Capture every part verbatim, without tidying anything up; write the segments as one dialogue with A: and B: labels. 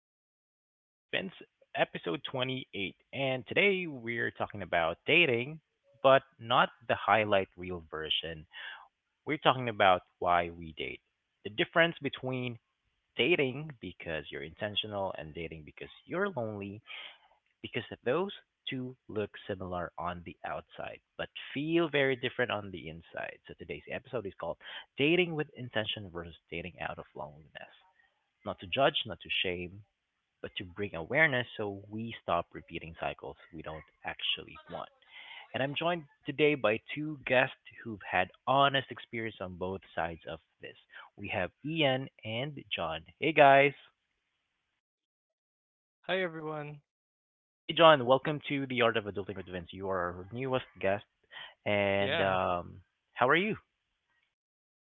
A: the Art of Adulting with Vince, episode twenty-eight. And today we're talking about dating, but not the highlight reel version. We're talking about why we date. The difference between dating because you're intentional and dating because you're lonely, because those two look similar on the outside, but feel very different on the inside. So today's episode is called Dating with Intention versus Dating Out of Loneliness, not to judge, not to shame, but to bring awareness so we stop repeating cycles we don't actually want. And I'm joined today by two guests who've had honest experience on both sides of this. We have Ian and John. Hey guys.
B: Hi everyone.
A: Hey John, welcome to the Art of Adulting with Vince. You are our newest guest, and
B: Yeah,
A: um, how are you?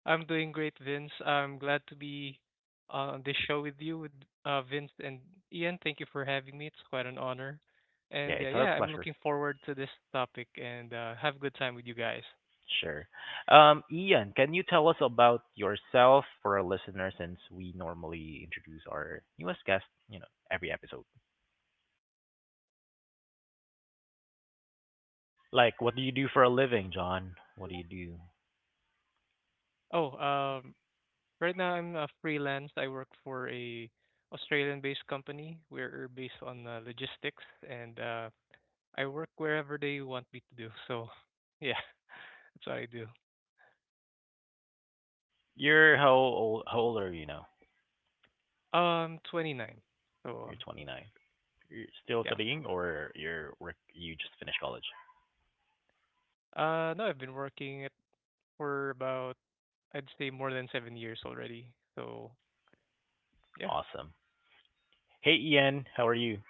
B: I'm doing great, Vince. I'm glad to be on this show with you, with uh, Vince and Ian. Thank you for having me. It's quite an honor.
A: Yeah,
B: And uh,
A: it's our
B: yeah, I'm
A: pleasure.
B: looking forward to this topic and uh, have a good time with you guys.
A: Sure. Um, Ian, can you tell us about yourself for our listeners since we normally introduce our newest guest, you know, every episode? Like, what do you do for a living, John? What do you do?
B: Oh, um, right now I'm a freelance. I work for a Australian-based company. We're based on uh, logistics, and uh, I work wherever they want me to do. So yeah, that's what I do.
A: You're how old? How old are you now?
B: Um, twenty-nine. So
A: You're twenty-nine. You're still
B: yeah.
A: studying, or you're work? You just finished college.
B: Uh, no, I've been working at for about I'd say more than seven years already. So yeah,
A: Awesome. Hey, Ian, how are you?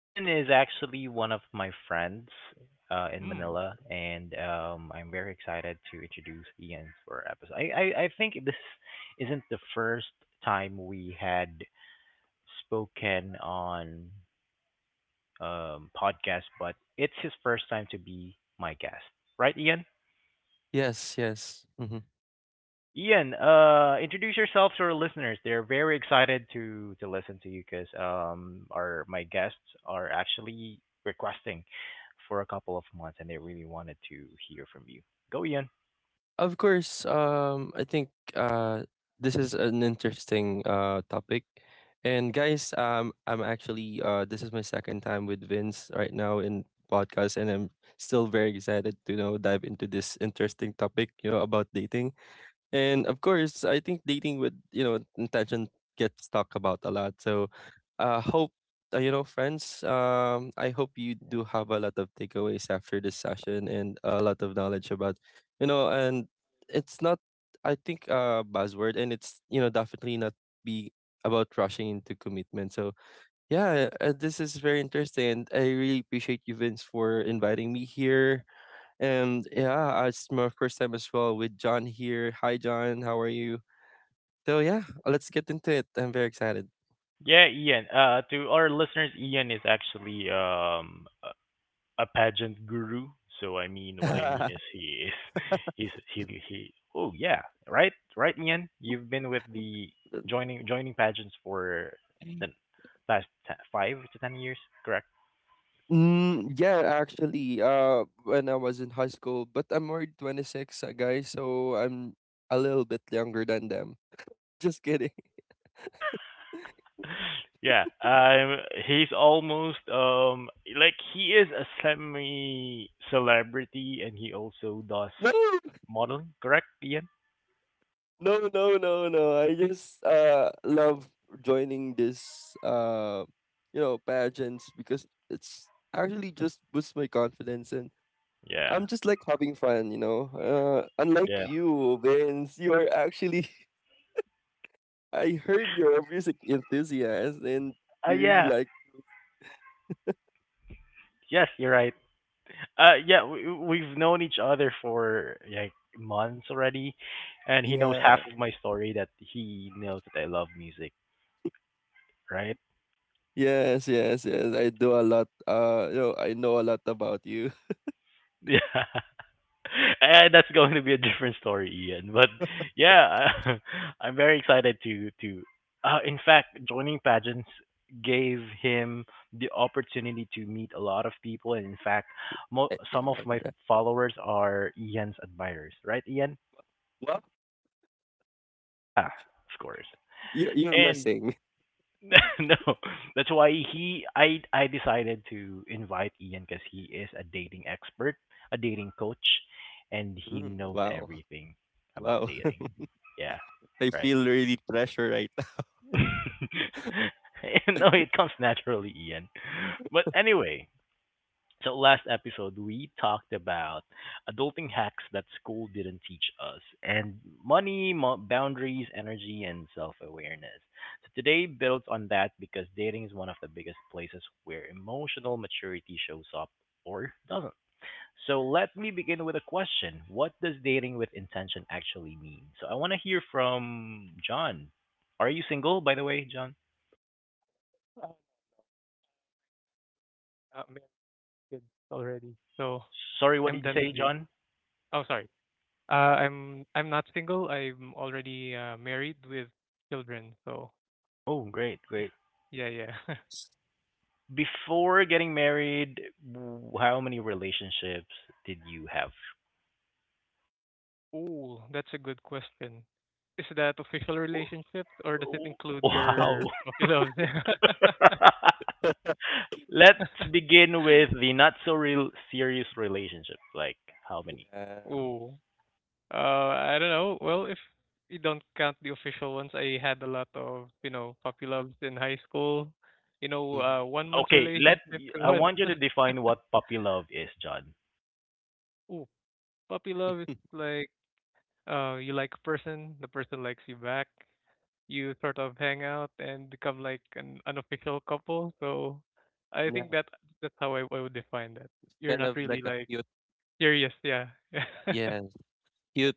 A: Ian is actually one of my friends uh, in
B: mm,
A: Manila, and um, I'm very excited to introduce Ian for our episode. I, I I think this isn't the first time we had spoken on um, podcast, but it's his first time to be my guest. Right, Ian?
C: Yes, yes. hmm
A: Ian, uh, introduce yourself to our listeners. They're very excited to, to listen to you because um, our my guests are actually requesting for a couple of months, and they really wanted to hear from you. Go, Ian.
C: Of course, um, I think uh, this is an interesting uh, topic. And guys, um, I'm actually uh, this is my second time with Vince right now in podcast, and I'm still very excited to you know dive into this interesting topic, you know, about dating. And of course, I think dating with, you know, intention gets talked about a lot. So uh hope uh, you know, friends, um I hope you do have a lot of takeaways after this session and a lot of knowledge about, you know, and it's not, I think, a buzzword, and it's, you know, definitely not be about rushing into commitment. So yeah, uh, this is very interesting, and I really appreciate you, Vince, for inviting me here. And yeah, uh, it's my first time as well with John here. Hi, John. How are you? So yeah, let's get into it. I'm very excited.
A: Yeah, Ian. Uh, to our listeners, Ian is actually um a pageant guru. So I mean, what I mean is he is he's he he. Oh yeah, right, right, Ian. You've been with the joining joining pageants for the past te- five to ten years, correct?
C: Mm, yeah, actually, uh, when I was in high school, but I'm already twenty-six, uh, guys, so I'm a little bit younger than them. Just kidding.
A: yeah, um, he's almost um like he is a semi celebrity, and he also does
C: No,
A: modeling, correct, Ian?
C: no, no, no, no. I just uh love joining this uh you know pageants because it's actually just boosts my confidence, and
A: Yeah,
C: I'm just like having fun, you know. Uh, unlike
A: yeah.
C: you, Vince, you are actually. I heard you're a music enthusiast and
A: Uh,
C: you really
A: yeah.
C: like.
A: Yes, you're right. Uh, yeah, we, we've known each other for like months already, and he knows
C: Yeah.
A: half of my story that he knows that I love music, right?
C: Yes, yes, yes. I do a lot. uh you know, I know a lot about you.
A: Yeah, and that's going to be a different story, Ian. But yeah, I'm very excited to to. Uh, in fact, joining pageants gave him the opportunity to meet a lot of people, and in fact, mo-
C: Eh, yeah,
A: some of
C: right.
A: my followers are Ian's admirers, right, Ian?
C: Well,
A: Yeah, of course.
C: you you're
A: And
C: missing.
A: no, that's why he I I decided to invite Ian because he is a dating expert, a dating coach, and he
C: Mm,
A: knows
C: wow.
A: everything about
C: Wow.
A: dating. Yeah,
C: I
A: right.
C: feel really pressure right now.
A: No, it comes naturally, Ian. But anyway, so last episode we talked about adulting hacks that school didn't teach us, and money, mo- boundaries, energy, and self-awareness. So today builds on that because dating is one of the biggest places where emotional maturity shows up or doesn't. So let me begin with a question: What does dating with intention actually mean? So I want to hear from John. Are you single, by the way, John?
B: uh, uh, married kids already. So
A: Sorry, what
B: I'm
A: did you
B: done with
A: say,
B: dates.
A: John?
B: Oh, sorry. Uh, I'm I'm not single. I'm already uh, married with children. So
A: Oh, great, great.
B: yeah, yeah, yeah.
A: Before getting married, w- how many relationships did you have?
B: Oh, that's a good question. Is that official
A: W-
B: relationships or does it
A: w-
B: include your
A: Wow.
B: puppy loves?
A: Let's begin with the not so real serious relationships. Like how many?
C: Yeah.
B: Oh. Uh, I don't know. Well, if you don't count the official ones, I had a lot of, you know, puppy loves in high school. You know,
C: Mm-hmm.
B: uh, one month
A: Okay, let
B: relationship to
A: I
B: one.
A: want you to define what puppy love is, John.
B: Ooh, puppy love is like, uh, you like a person, the person likes you back. You sort of hang out and become like an unofficial couple. So I
C: Yeah.
B: think that that's how I, I would define that. You're
C: Kind
B: not
C: of
B: really
C: like a
B: like
C: cute,
B: serious, yeah.
C: yeah, cute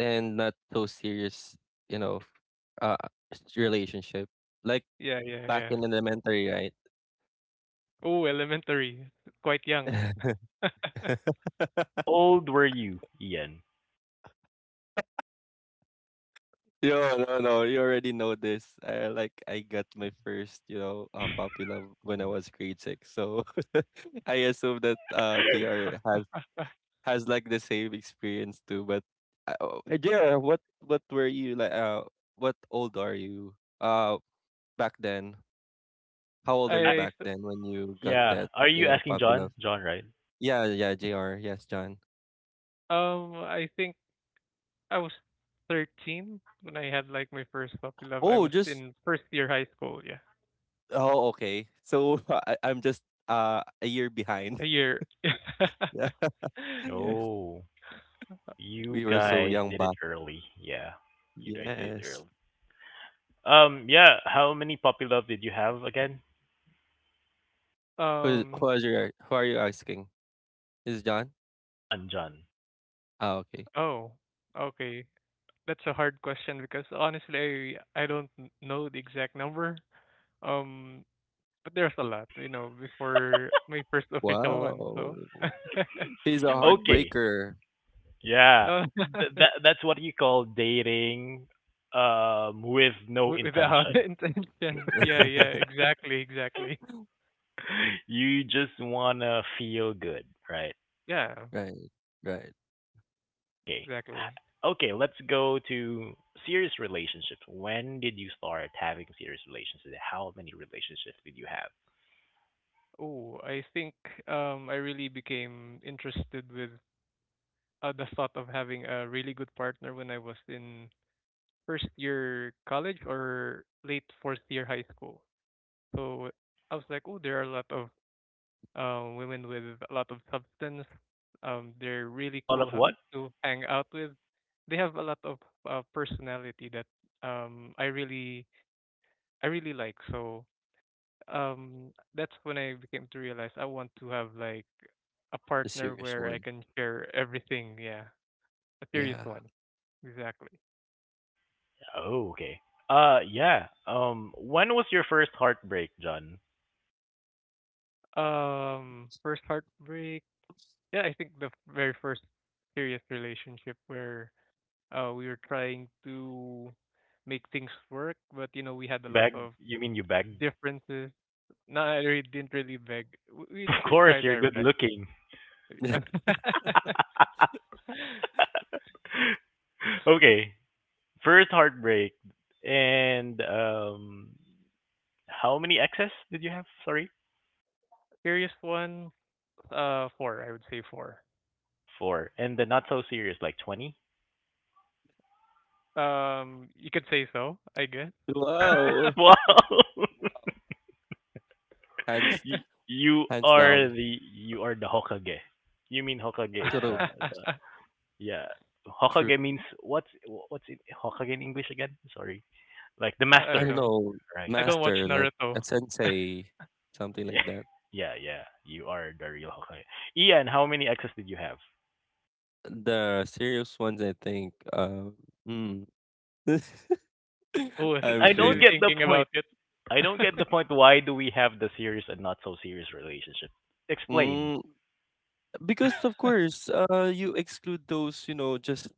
C: and not so serious, you know, uh, relationship. Like
B: Yeah, yeah,
C: back
B: yeah.
C: in elementary,
B: Ooh, elementary. Quite young.
C: right?
A: How old were you, Ian?
C: Yo, no, no, you already know this. I like I got my first, you know, uh, puppy love when I was grade six. So I assume that uh J R has has like the same experience too. But uh, oh, uh, J R, what what were you like? Uh, what old are you? Uh, Back then, how old are
A: Uh,
C: you
B: I
C: back
B: th-
C: then when you got
A: yeah,
C: that,
A: are
C: you
A: you
C: know,
A: asking
C: puppy love?
A: John? John, right?
C: Yeah, yeah, J R. Yes, John.
B: um I think I was thirteen when I had like my first puppy love. I
C: Oh,
B: was
C: just
B: in first year high school, yeah.
C: oh, okay. So I, I'm just uh a year behind.
B: A year.
C: Yeah.
B: yeah.
A: Oh, you
C: We were so
A: guys
C: young
A: did it
C: back.
A: early. Yeah, you guys did it
C: Yes.
A: early. Um, yeah. How many puppy love did you have again?
C: Who,
B: Um
C: who are you? Who are you asking? Is John?
A: John, John.
C: Ah, okay.
B: oh, okay. That's a hard question because honestly I I don't n- know the exact number. Um but there's a lot, you know, before my first official one,
C: Wow.
B: so
C: He's a
A: Okay.
C: heartbreaker.
A: Yeah.
B: no
A: Th- that that's what you call dating um with no
B: wi- without
A: intention.
B: intention. Yeah, yeah, exactly, exactly.
A: You just wanna feel good, right?
B: Yeah.
C: Right. Right.
A: Okay.
B: Exactly.
A: Okay, let's go to serious relationships. When did you start having serious relationships? How many relationships did you have?
B: Oh, I think um, I really became interested with uh, the thought of having a really good partner when I was in first year college or late fourth year high school. So I was like, oh, there are a lot of uh, women with a lot of substance. Um, they're
A: A
B: really
A: lot of
B: cool ha-
A: what?
B: to hang out with. They have a lot of uh, personality that um, I really I really like. So um that's when I became to realize I want to have like a
C: A
B: partner
C: serious
B: where I
C: one.
B: can share everything, yeah. A serious
C: Yeah.
B: one. Exactly.
A: Oh, okay. Uh yeah. Um when was your first heartbreak, John?
B: Um first heartbreak. Yeah, I think the very first serious relationship where uh we were trying to make things work, but you know, we had a
A: You
B: lot
A: beg?
B: of
A: You mean you beg?
B: differences. No, I really didn't really beg. W-
A: Of
B: We tr-
A: course,
B: tried
A: you're
B: our
A: good
B: best.
A: looking. Okay. First heartbreak. And um how many exes did you have? Sorry?
B: Serious one, uh, four. I would say four.
A: Four. And the not so serious, like twenty?
B: Um, you could say so, I guess.
C: Wow.
A: Wow.
C: Wow. Hands
A: You, you
C: hands
A: are
C: down.
A: the you are the Hokage. You mean Hokage is the,
C: True.
A: the yeah.
C: True.
A: Hokage means what's what's in Hokage in English again? Sorry. Like the
B: I
C: I
B: don't
A: master.
C: don't
B: know.
C: know.
A: Right,
B: I don't watch
A: master.
C: Master, like
B: Naruto.
C: a sensei, something
A: Yeah,
C: like that.
A: yeah, yeah. You are the real Hokage. Ian, how many exes did you have?
C: The serious ones, I think. Uh, mm.
A: I
B: Oh,
A: mean,
C: I'm
B: he's
A: I don't
B: really
C: feeling,
A: get the
B: thinking
A: point.
B: about it.
A: I don't get the point. Why do we have the serious and not so serious relationship? Explain.
C: Mm, because of course, uh, you exclude those, you know, just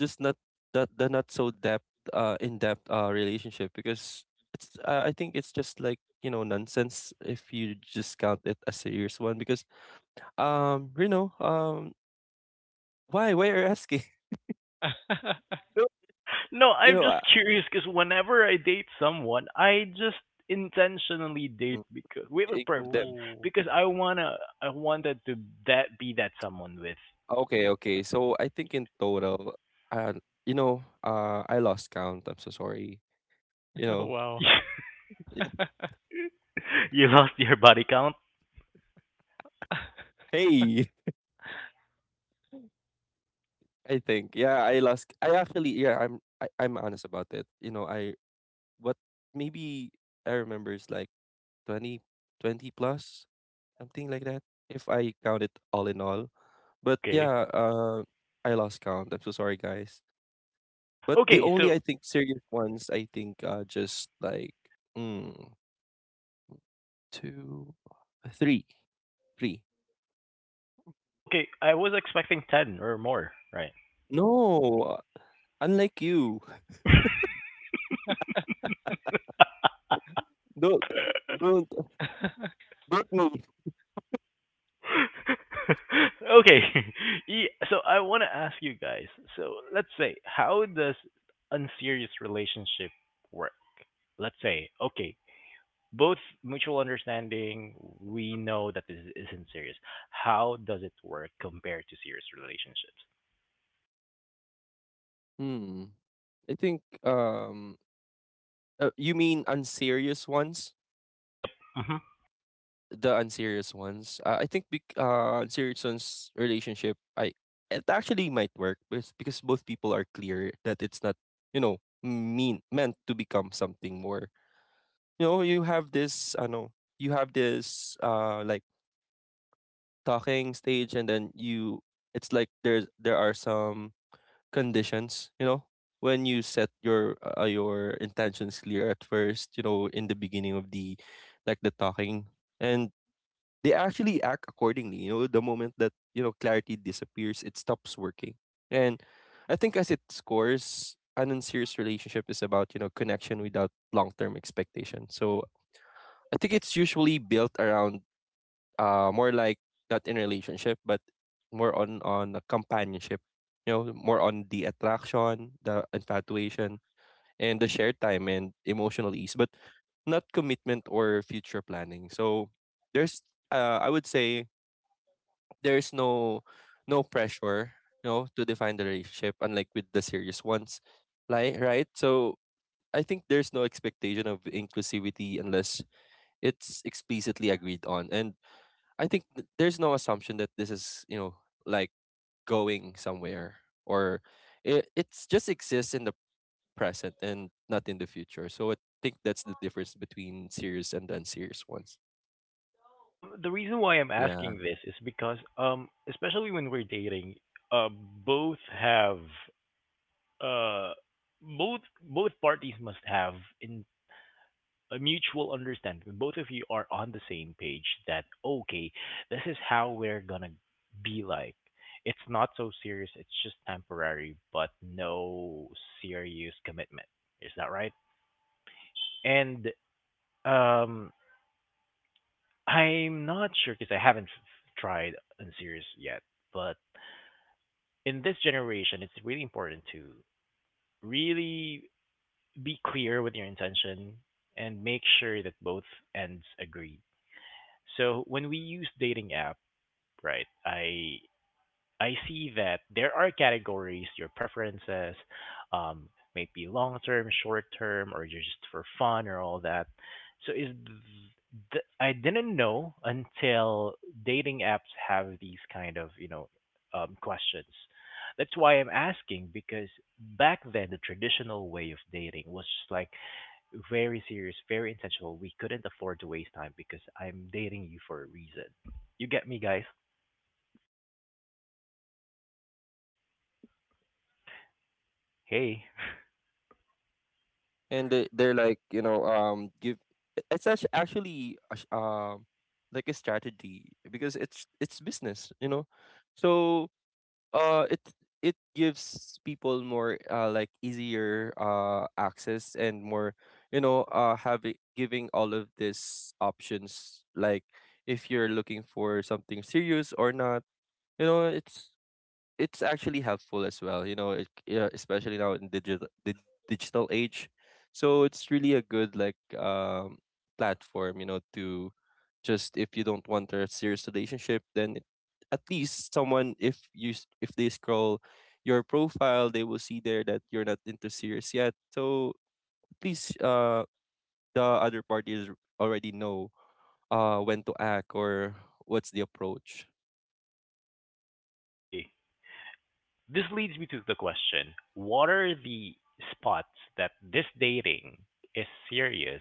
C: just not, that the not so depth, uh, in depth, uh, relationship because it's. Uh, I think it's just like you know nonsense if you just count it as a serious one because um you know um why why are you asking. No,
A: No,
C: you
A: I'm
C: know
A: just
C: uh,
A: curious because whenever I date someone, I just intentionally date
C: mm,
A: because with
C: you
A: a
C: include
A: purpose
C: them.
B: Oh,
A: because I wanna I wanted to that be that someone with.
C: Okay, okay, so I think in total, uh you know uh I lost count. I'm so sorry you know
B: wow.
A: You lost your body count.
C: Hey, I think. Yeah, I lost I actually, yeah, I'm I, I'm honest about it. You know, I what maybe I remember is like twenty twenty plus, something like that. If I count it all in all. But
A: Okay.
C: yeah, uh I lost count. I'm so sorry, guys. But the
A: Okay.
C: only,
A: So
C: I think, serious ones, I think, are just like, mm, two, three, three.
A: oh, okay, I was expecting ten or more. Right.
C: No, unlike you. Don't don't don't move.
A: Okay. Yeah, so I want to ask you guys. So let's say, how does unserious relationship work? Let's say, okay, both mutual understanding. We know that this isn't serious. How does it work compared to serious relationships?
C: Hmm. I think um Uh, you mean unserious ones?
A: Yep. hmm
C: The unserious ones. Uh, I think, bec- uh, unserious ones relationship. I it actually might work because because both people are clear that it's not, you know mean meant to become something more. You know, you have this. I know you have this. Uh, like, talking stage, and then you. It's like there's there are some conditions, you know, when you set your uh, your intentions clear at first, you know, in the beginning of the like the talking, and they actually act accordingly. You know, the moment that, you know, clarity disappears, it stops working. And I think, as it scores, an unserious relationship is about, you know, connection without long-term expectation. So I think it's usually built around, uh more like, not in relationship but more on on a companionship. You know more on the attraction, the infatuation, and the shared time and emotional ease, but not commitment or future planning. So there's, uh, I would say, there's no no pressure, you know to define the relationship, unlike with the serious ones. Like, right. So I think there's no expectation of inclusivity unless it's explicitly agreed on. And I think th- there's no assumption that this is, you know, like, going somewhere, or it it's just exists in the present and not in the future. So I think that's the difference between serious and unserious ones.
A: Um, the reason why I'm
C: Yeah.
A: asking this is because, um, especially when we're dating, uh, both have uh both both parties must have in a mutual understanding. When Both of you are on the same page that okay, this is how we're gonna be like. It's not so serious. It's just temporary, but no serious commitment. Is that right? And um, I'm not sure because I haven't f- tried unserious yet. But in this generation, it's really important to really be clear with your intention and make sure that both ends agree. So when we use dating apps, Right. I I see that there are categories, your preferences, um, maybe long term, short term, or just for fun or all that. So is th- I didn't know until dating apps have these kind of you know um, questions. That's why I'm asking because back then the traditional way of dating was just like very serious, very intentional. We couldn't afford to waste time because I'm dating you for a reason. You get me, guys? Hey.
C: And they they're like, you know, um give it- it's actu- actually a sh- um like a strategy, because it's it's business, you know. So uh it it gives people more, uh like, easier uh access, and more, you know uh having giving all of these options. Like, if you're looking for something serious or not, you know it's it's actually helpful as well, you know it, yeah, especially now in digital the digital age. So it's really a good, like, um platform, you know to just if you don't want a serious relationship, then it- at least someone, if you s- if they scroll your profile, they will see there that you're not into serious yet. So at least, uh the other party is already know uh when to act, or what's the approach.
A: Okay, this leads me to the question: What are the spots that this dating is serious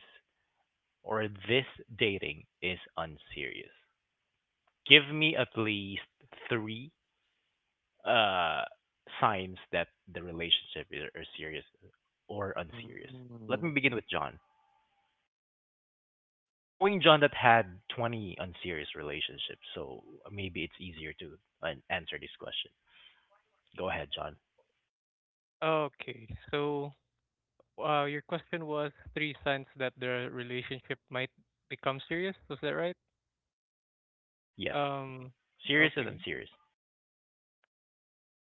A: or this dating is unserious? Give me at least three uh signs that the relationship is are serious or unserious. Let me
C: Mm.
A: begin with John. Knowing John that had twenty unserious relationships, so maybe it's easier to uh, answer this question. Go ahead, John.
B: Okay, so, uh, your question was three signs that their relationship might become serious, was that right?
A: Yes,
B: Um,
A: serious and
B: okay.
A: unserious.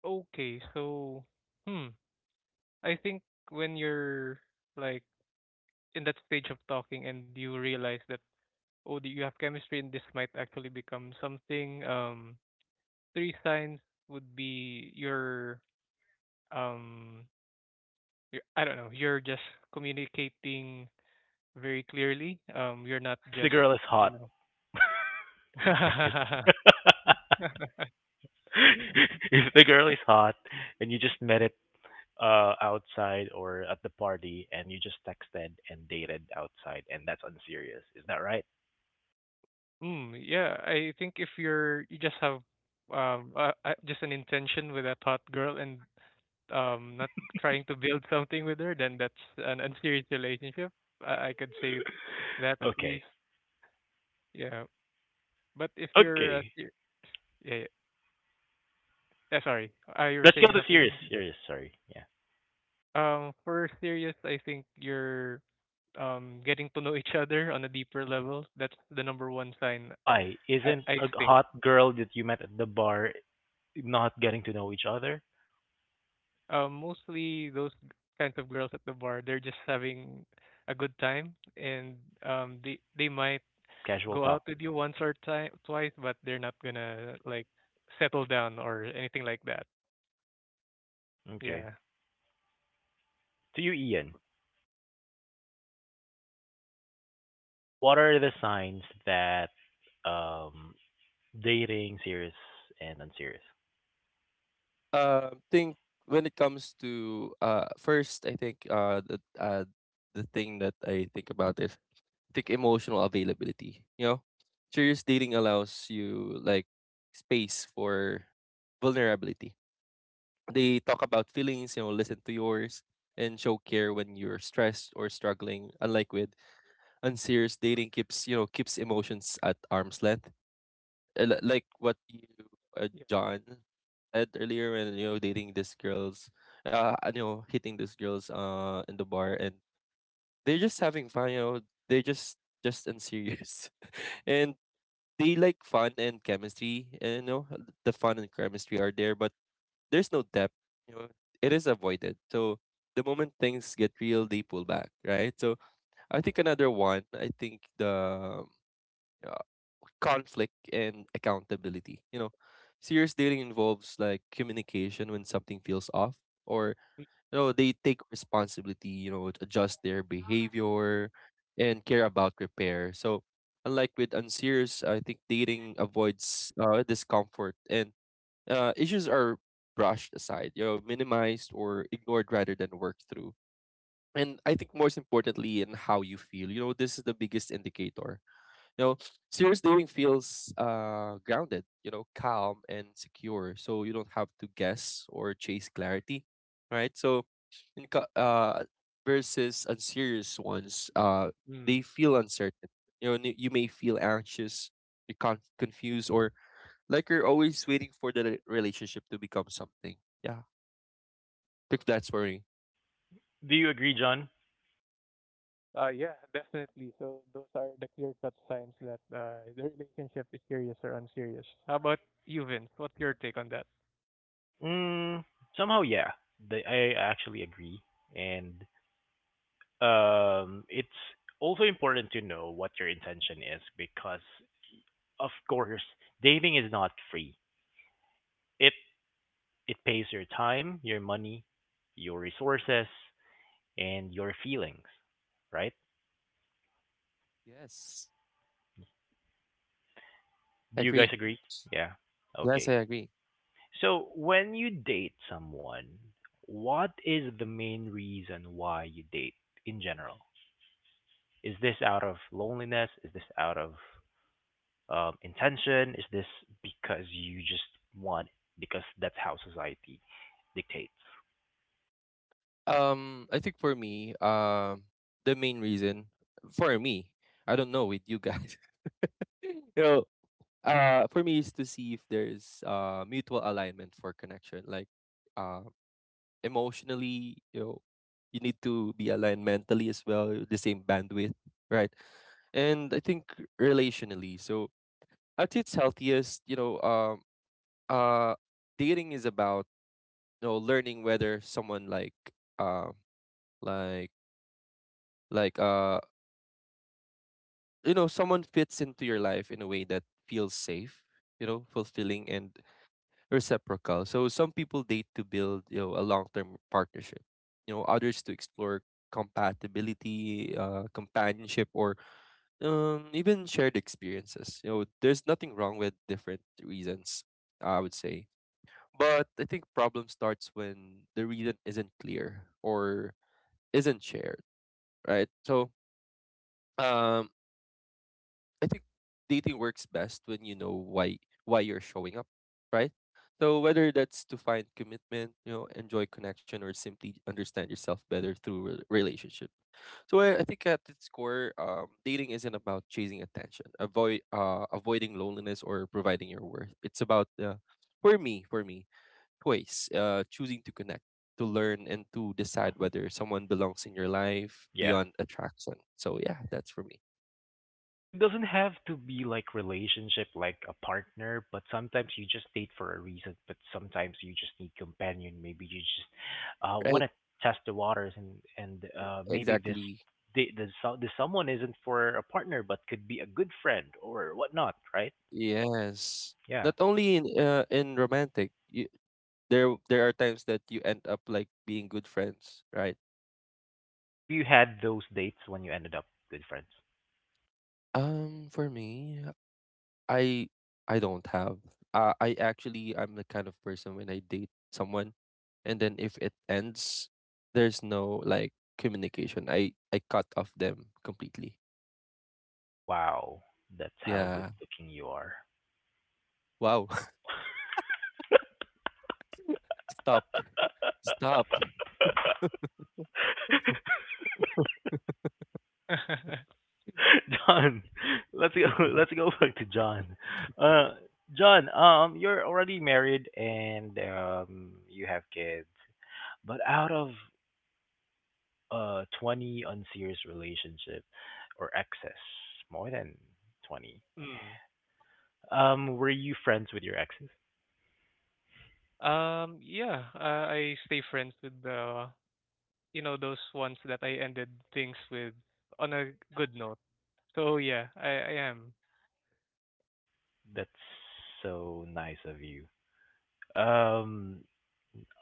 B: Okay, so, hmm, I think when you're, like, in that stage of talking and you realize that oh you have chemistry and this might actually become something um three signs would be your um your, I don't know you're just communicating very clearly um you're not
A: If the
B: just
A: girl is
B: you
A: hot.
B: know
A: Right. If the girl is hot and you just met it uh outside or at the party and you just texted and dated outside and that's unserious, is that right?
B: mm, yeah I think if you're you just have um uh, uh, just an intention with a hot girl and um not trying to build something with her, then that's an unserious relationship. I, I could say that at
A: Okay.
B: least. Yeah. But if you're uh,
A: Okay.
B: ser- yeah, yeah. Yeah, sorry. Uh, you were
A: Let's go
B: saying
A: to serious.
B: something.
A: Serious, sorry. Yeah.
B: Um, for serious, I think you're um getting to know each other on a deeper level. That's the number one sign.
A: Why
B: I
A: isn't
B: I
A: a
B: think.
A: hot girl that you met at the bar not getting to know each other?
B: Um, mostly those kinds of girls at the bar, they're just having a good time, and um, they they might
A: Casual
B: go
A: talk.
B: out with you once or ti twice, but they're not gonna like settle down or anything like that.
A: Okay.
B: Yeah.
A: To you, Ian, what are the signs that um dating serious and unserious?
C: uh, Think, when it comes to uh, first, I think, uh, the uh, the thing that I think about is, I think, emotional availability. You know, serious dating allows you, like, space for vulnerability. They talk about feelings, you know, listen to yours, and show care when you're stressed or struggling. Unlike with unserious dating, keeps you know keeps emotions at arm's length, uh, li- like what you uh,
B: Yeah.
C: John said earlier, when, you know dating these girls, uh, you know hitting these girls uh in the bar, and they're just having fun. You know they're just just unserious. And they like fun and chemistry, and you know the fun and chemistry are there, but there's no depth. You know it is avoided. So the moment things get real, they pull back, right? So I think another one. I think the, um, conflict and accountability. You know, serious dating involves, like, communication when something feels off, or, you know, they take responsibility, you know, to adjust their behavior and care about repair. So, unlike with unserious, I think dating avoids, uh, discomfort, and uh, issues are brushed aside, you know, minimized or ignored rather than worked through. And I think most importantly, in how you feel, you know, this is the biggest indicator. you know, Serious dating feels uh grounded, you know, calm and secure. So you don't have to guess or chase clarity, right? So, in co- uh versus unserious ones, uh they
B: Mm.
C: feel uncertain. You know, n- you may feel anxious, you con- confused, or like you're always waiting for the re- relationship to become something. Yeah, think that's worrying.
A: Do you agree, John?
B: Uh, yeah, definitely. So those are the clear-cut signs that uh, the relationship is serious or unserious. How about you, Vince? What's your take on that?
A: Mm, somehow, yeah. The, I actually agree, and um, it's also important to know what your intention is because, of course, dating is not free. It it pays your time, your money, your resources, and your feelings. Right?
C: Yes, I
A: Do you guys
C: agree.
A: agree? Yeah.
C: Yes,
A: Okay.
C: I agree.
A: So when you date someone, what is the main reason why you date in general? Is this out of loneliness? Is this out of um, intention? Is this because you just want it? Because that's how society dictates?
C: Um, I think, for me, um, the main reason for me, I don't know with you guys, you know, uh, for me, is to see if there's uh mutual alignment for connection, like, uh, emotionally, you know, you need to be aligned mentally as well, the same bandwidth, right? And I think, relationally, so at its healthiest, you know, um, uh, dating is about, you know learning whether someone, like, um, like like uh you know someone fits into your life in a way that feels safe, you know fulfilling and reciprocal. So some people date to build, you know a long-term partnership, you know others to explore compatibility, uh companionship, or um even shared experiences. You know there's nothing wrong with different reasons, I would say. But I think problem starts when the reason isn't clear or isn't shared, right? So, um I think dating works best when you know why why you're showing up, right? So whether that's to find commitment, you know, enjoy connection, or simply understand yourself better through re- relationship. So I, I think at its core, um, dating isn't about chasing attention, avoid uh, avoiding loneliness, or providing your worth. It's about, uh, for me, for me, choice, uh, choosing to connect, to learn, and to decide
A: Mhm.
C: whether someone belongs in your life
A: Yeah.
C: beyond attraction. So yeah, that's for me.
A: Well, it doesn't have to be like relationship, like a partner, but sometimes you just date for a reason. But sometimes you just need companion. Maybe you just uh, want
C: Right,
A: to test the waters, and and uh, maybe this
C: exactly.
A: the the so- the someone isn't for a partner, but could be a good friend or whatnot, right?
C: Yes.
A: Yeah.
C: Not only in, uh, in romantic, you, there there are times that you end up, like, being good friends, right?
A: Have you had those dates when you ended up good friends?
C: Um, for me, I I don't have. Uh, I actually I'm the kind of person when I date someone, and then if it ends, there's no like communication. I I cut off them completely.
A: Wow, that's how good
C: Yeah.
A: looking you are.
C: Wow. Stop. Stop.
A: John, let's go let's go back to John. Uh John, um you're already married and um you have kids. But out of uh twenty unserious relationship or exes, more than twenty.
B: mm.
A: Um were you friends with your exes?
B: Um, yeah, uh, I stay friends with the, you know, those ones that I ended things with on a good note. So yeah, I, I am.
A: That's so nice of you. Um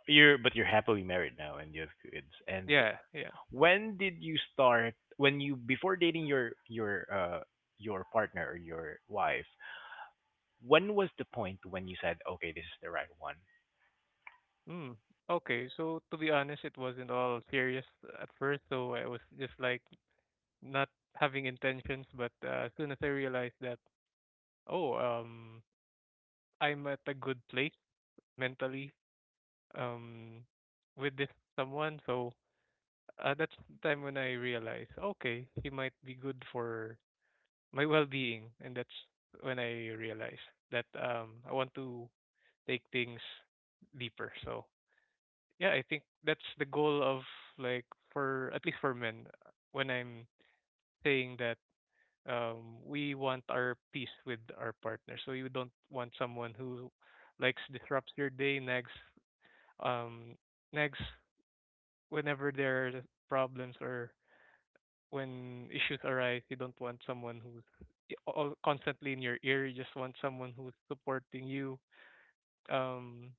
A: You're but you're happily married now and you have kids. And
B: Yeah, yeah.
A: when did you start when you before dating your your uh your partner or your wife, when was the point when you said, "Okay, this is the right one"?
B: Mm. Okay, so to be honest, it wasn't all serious at first, so I was just like not having intentions, but uh, as soon as I realized that, oh, um, I'm at a good place mentally, um, with this someone, so uh, that's the time when I realized, okay, he might be good for my well-being, and that's when I realized that um, I want to take things deeper. So yeah, I think that's the goal of like for at least for men uh, when I'm saying that um we want our peace with our partner. So you don't want someone who likes disrupts your day, nags um nags whenever there are problems or when issues arise. You don't want someone who's i- all constantly in your ear. You just want someone who's supporting you um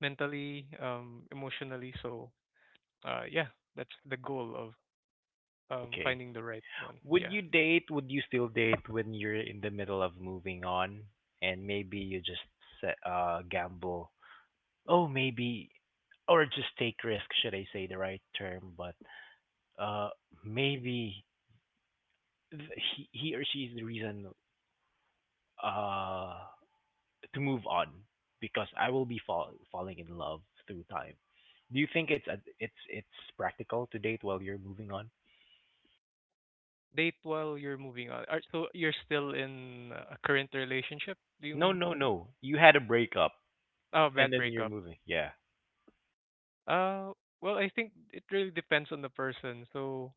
B: mentally, um emotionally. So uh yeah, that's the goal of um
A: Okay.
B: finding the right one.
A: Would
B: Yeah.
A: you date, would you still date when you're in the middle of moving on and maybe you just set, uh gamble? Oh, maybe or just take risk, should I say the right term, but uh maybe th- he, he or she is the reason uh to move on because I will be fall falling in love through time. Do you think it's a, it's it's practical to date while you're moving on?
B: Date while you're moving on. Are, so you're still in a current relationship, do you
A: No,
B: mean?
A: no, no. You had a breakup
B: Oh,
A: and
B: bad
A: then you're
B: breakup.
A: moving. Yeah.
B: Uh well, I think it really depends on the person. So,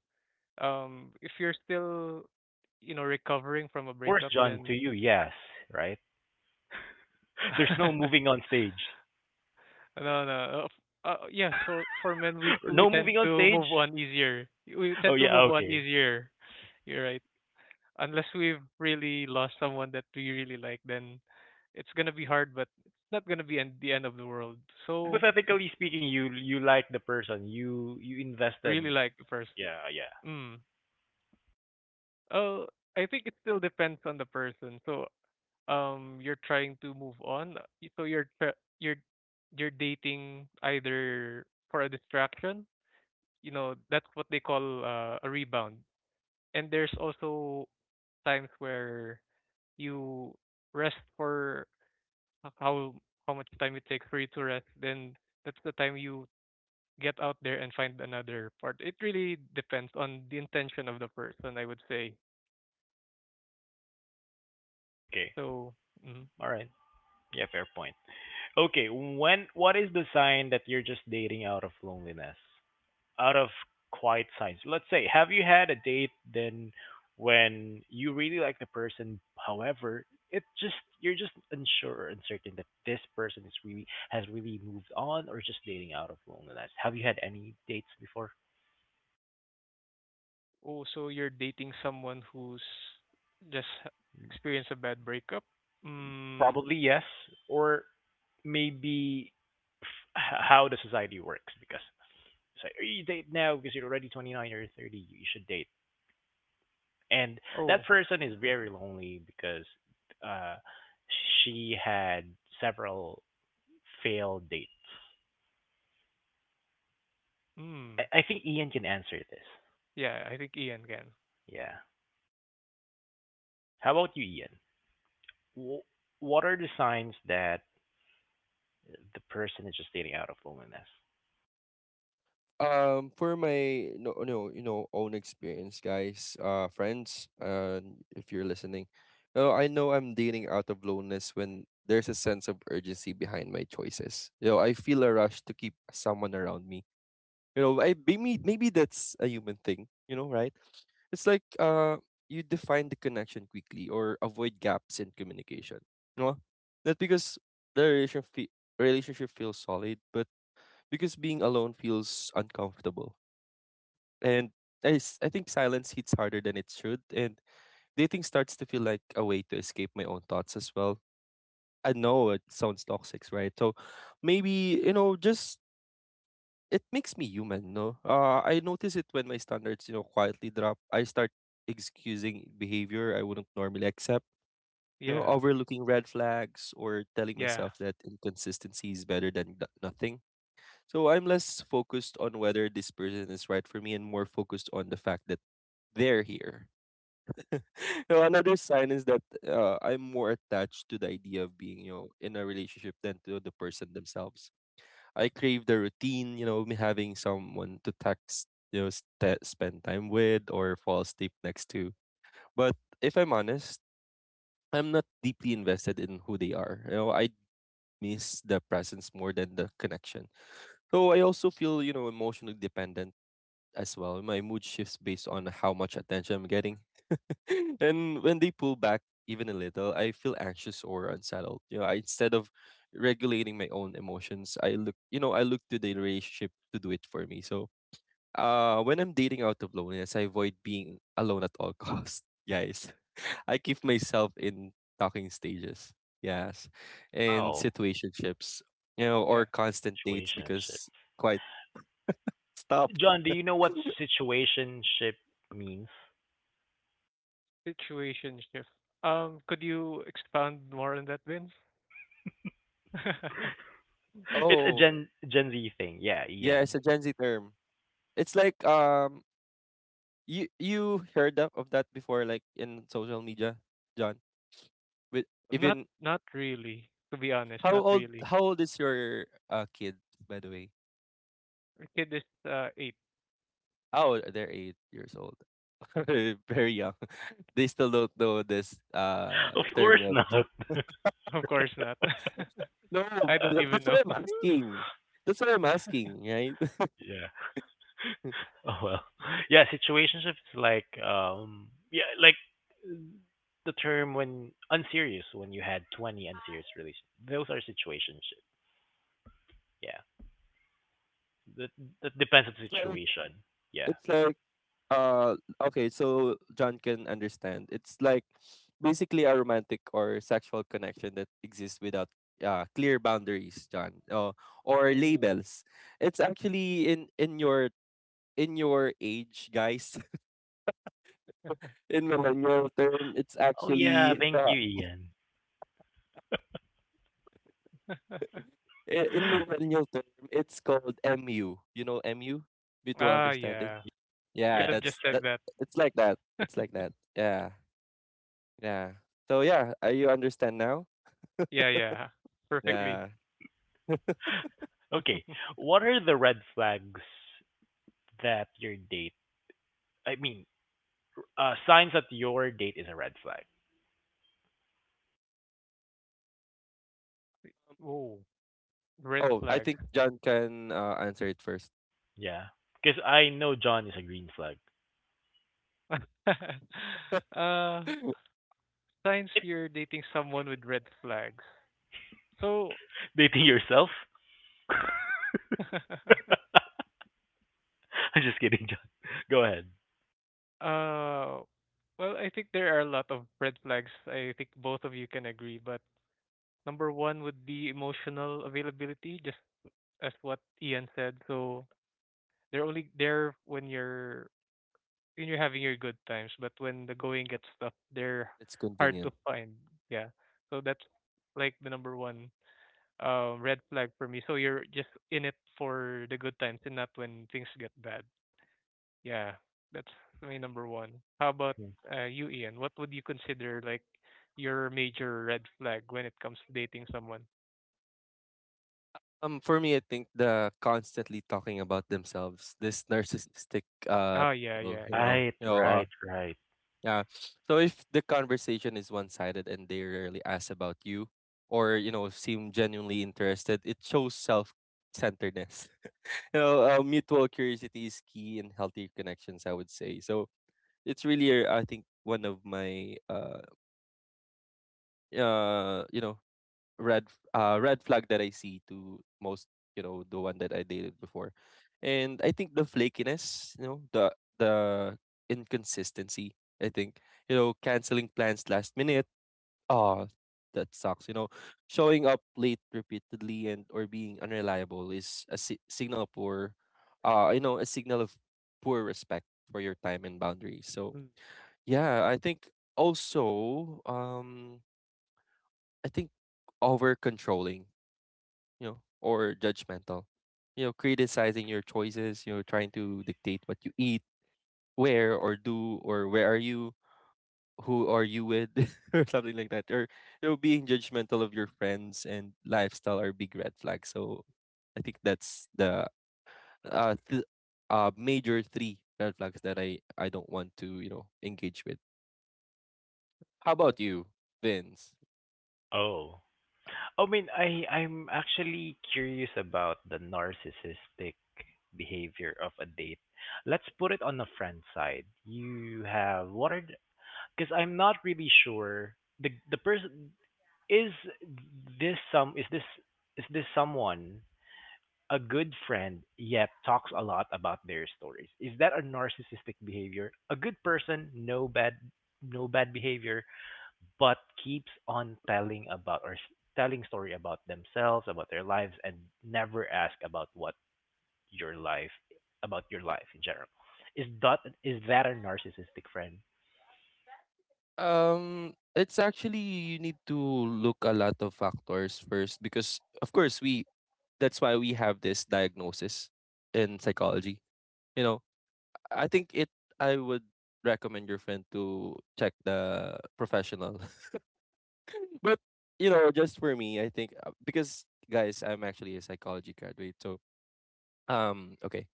B: um if you're still, you know, recovering from a
A: Of course,
B: breakup
A: John, to
B: then
A: you, yes, right? There's no moving on stage.
B: no, no. Uh, uh, yeah, so for men we we
A: No
B: tend
A: moving on
B: to
A: stage?
B: move on easier. We
A: Oh
B: tend to
A: yeah,
B: move on
A: okay.
B: easier. You're right. Unless we've really lost someone that we really like, then it's gonna be hard, but it's not gonna be end, the end of the world. So
A: Hypothetically speaking, you you like the person, you you
B: I really
A: invested.
B: like the person.
A: Yeah, yeah.
B: Mm. Oh, I think it still depends on the person. So um, you're trying to move on. uh, y- So you're tr- you're you're dating either for a distraction. You know that's what they call uh, a rebound. And there's also times where you rest for h- how how much time it takes for you to rest, then that's the time you get out there and find another part. It really depends on the intention of the person, I would say.
A: Okay.
B: So, mm
A: All right. Yeah, fair point. Okay, when what is the sign that you're just dating out of loneliness? Out of quiet signs. Let's say have you had a date then when you really like the person, however, it just you're just unsure or uncertain that this person is really has really moved on or just dating out of loneliness. Have you had any dates before?
B: oh, so you're dating someone who's just h- experienced a bad breakup. Mm,
A: Probably yes, or maybe f- h- how the society works because so you date now because you're already twenty-nine or thirty, you should date and that
B: oh,
A: person is
B: okay.
A: very lonely because uh she had several failed dates.
B: Mm,
A: I, I think Ian can answer this.
B: yeah, I think Ian can.
A: Yeah. How about you, Ian? Wh- what are the signs that the person is just dating out of loneliness?
C: Um, for my no, no, you know, own experience, guys, uh, friends, uh, if you're listening, no, I know I'm dating out of loneliness when there's a sense of urgency behind my choices. You know, I feel a rush to keep someone around me. You know, I maybe maybe that's a human thing. You know, right? It's like uh you define the connection quickly or avoid gaps in communication. No? Not because the relation fe- relationship feels solid, but because being alone feels uncomfortable. And I, s- I think silence hits harder than it should, and dating starts to feel like a way to escape my own thoughts as well. I know it sounds toxic, right? So maybe, you know, just it makes me human, no? Uh, I notice it when my standards, you know, quietly drop. I start excusing behavior I wouldn't normally accept, you know,
B: Yeah,
C: overlooking red flags or telling
B: yeah,
C: myself that inconsistency is better than no- nothing. So I'm less focused on whether this person is right for me and more focused on the fact that they're here. You know, another sign is that uh, I'm more attached to the idea of being, you know, in a relationship than to the person themselves. I crave the routine, you know, me having someone to text, you know, st- spend time with or fall asleep next to. But if I'm honest, I'm not deeply invested in who they are. You know, I miss the presence more than the connection. So I also feel, you know, emotionally dependent as well. My mood shifts based on how much attention I'm getting. And when they pull back even a little, I feel anxious or unsettled. You know, I, instead of regulating my own emotions, I look, you know, I look to the relationship to do it for me. So, uh, when I'm dating out of loneliness, I avoid being alone at all costs, guys. I keep myself in talking stages, yes, and
A: Wow,
C: situationships, you know, or
B: yeah.
C: constant dates
A: situationship.
C: because quite stop.
A: John, do you know what situationship means?
B: Situation shift. Um, could you expound more on that, Vince?
A: It's a
C: Oh,
A: Gen Gen Z thing. Yeah,
C: yeah, it's
A: Ian.
C: a Gen Z term. It's like um you you heard of, of that before like in social media, John? With
B: Not
C: even
B: not really, to be honest,
C: how
B: not
C: old
B: really.
C: how old is your uh kid by the way?
B: My kid is uh, eight.
C: Oh, they're eight years old. Very young. They still don't know this uh
A: Of
C: term
A: course not.
C: yet.
B: Of course not.
C: No,
B: I don't
C: th-
B: even
C: that's
B: know.
C: why I'm asking. That's why I'm asking, right?
A: Yeah. Oh well, yeah. Situationship is like um yeah like the term when unserious when you had twenty unserious relations. Those are situationship. Yeah, that that depends on the
C: It's like
A: situation. Yeah.
C: it's like Uh, okay, so John can understand. It's like basically a romantic or sexual connection that exists without uh, clear boundaries, John, uh, or
B: Ooh.
C: labels. It's actually in in your in your age, guys. In millennial term, it's
A: Oh yeah,
C: actually
A: thank
C: uh,
A: you, Ian.
C: i- in millennial term, it's called M U. You know M U, mutual
B: Ah,
C: understanding.
B: yeah.
C: Yeah,
B: Could
A: Yeah,
B: have just
C: that's
A: that's
B: said
A: right.
C: that.
B: that.
C: It's like that. It's like that. Yeah, yeah. So yeah, uh, you understand now?
B: Yeah, yeah. Perfectly.
C: Yeah.
A: Okay, what are the red flags that your date? I mean, uh, signs that your date is a red flag.
B: Oh, red
C: Oh, I
B: flag.
C: think John can uh, answer it first.
A: Yeah, because I know John is a green flag,
B: uh, signs
A: right?
B: you're dating someone with red flags. So,
A: Dating yourself.
B: uh,
A: I'm just kidding, John. Go ahead.
B: well, I think there are a lot of red flags. I think both of you can agree, but number one would be emotional availability, just as what Ian said. So they're only there when you're when you're having your good times, but when the going gets tough, they're
C: It's
B: hard to
C: convenient.
B: find. Yeah. So that's like the number one um red flag for me. So you're just in it for the good times and not when things get bad. Yeah. That's my number one. How
A: Mhm.
B: about
A: Yeah.
B: uh, you, Ian? What would you consider like your major red flag when it comes to dating someone?
C: Um, for me, I think the constantly talking about themselves, this narcissistic uh,
B: Oh yeah,
C: people,
B: yeah,
C: you know,
A: Right,
C: you know, uh,
A: right, right.
C: yeah. So if the conversation is one-sided and they rarely ask about you, or you know, seem genuinely interested, it shows self-centeredness. You know, uh, mutual curiosity is key in healthy connections, I would say. So it's really, uh, I think, one of my uh, uh, you know, red f- uh, red flag that I see to most, you know, the one that I dated before. And I think the flakiness, you know, the the inconsistency, I think, you know, canceling plans last minute. Oh, that sucks. You know, showing up late repeatedly and or being unreliable is a si- signal of poor uh you know, a signal of poor respect for your time and boundaries. So,
B: yeah.
C: yeah, I think also um I think over controlling you know, or judgmental. You know, criticizing your choices, you know, trying to dictate what you eat, where or do, or where are you, who are you with, or something like that. Or, you know, being judgmental of your friends and lifestyle are big red flags. So I think that's the uh, th- uh major three red flags that I, I don't want to, you know, engage with. How
B: Right.
C: about you, Vince?
A: Oh. I mean, I I'm actually curious about the narcissistic behavior of a date. Let's put it on the friend side. You have what are because I'm not really sure the the person is this some is this is this someone a good friend yet talks a lot about their stories. Is that a narcissistic behavior? A good person, no bad no bad behavior, but keeps on telling about or s- telling story about themselves, about their lives and never ask about what your life about your life in general. Is that is that a narcissistic friend?
C: Um, it's actually you need to look a lot of factors first because of course we that's why we have this diagnosis in psychology. You know, I think it I would recommend your friend to check the professional. But you know, just for me, I think uh, because guys, I'm actually a psychology graduate. So, um okay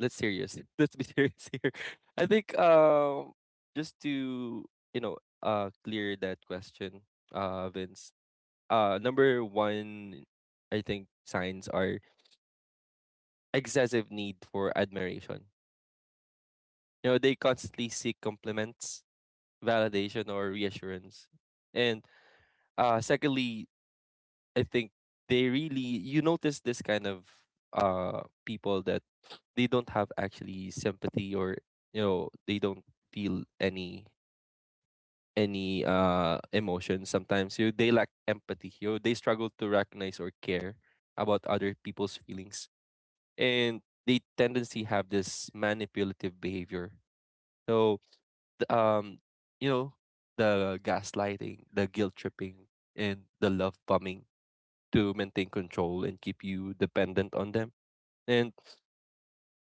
C: let's serious. Let's be serious here. I think um just to you know uh clear that question, uh Vince. Uh number one I think signs are excessive need for admiration. You know, they constantly seek compliments, validation or reassurance. And uh secondly, I think they really you notice this kind of uh people that they don't have actually sympathy or you know they don't feel any any uh emotions sometimes you they lack empathy you they struggle to recognize or care about other people's feelings and they tendency have this manipulative behavior so th- um you know the gaslighting, the guilt tripping and the love bombing to maintain control and keep you dependent on them, and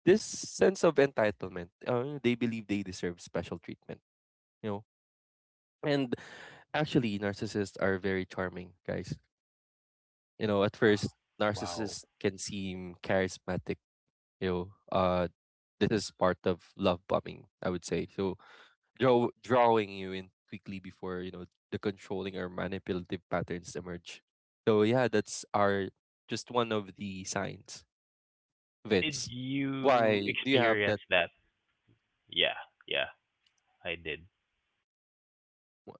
C: this sense of entitlement, uh, they believe they deserve special treatment you know. And actually narcissists are very charming guys. You know, at
A: Wow.
C: first,
A: Wow.
C: narcissists can seem charismatic. You know, uh, this is part of love bombing, I would say. So, draw, drawing you in quickly before you know the controlling or manipulative patterns emerge. So, yeah, that's our just one of the signs,
A: Did
C: Vince.
A: you
C: Why do you have
A: experience
C: that?
A: that? Yeah, yeah, I did.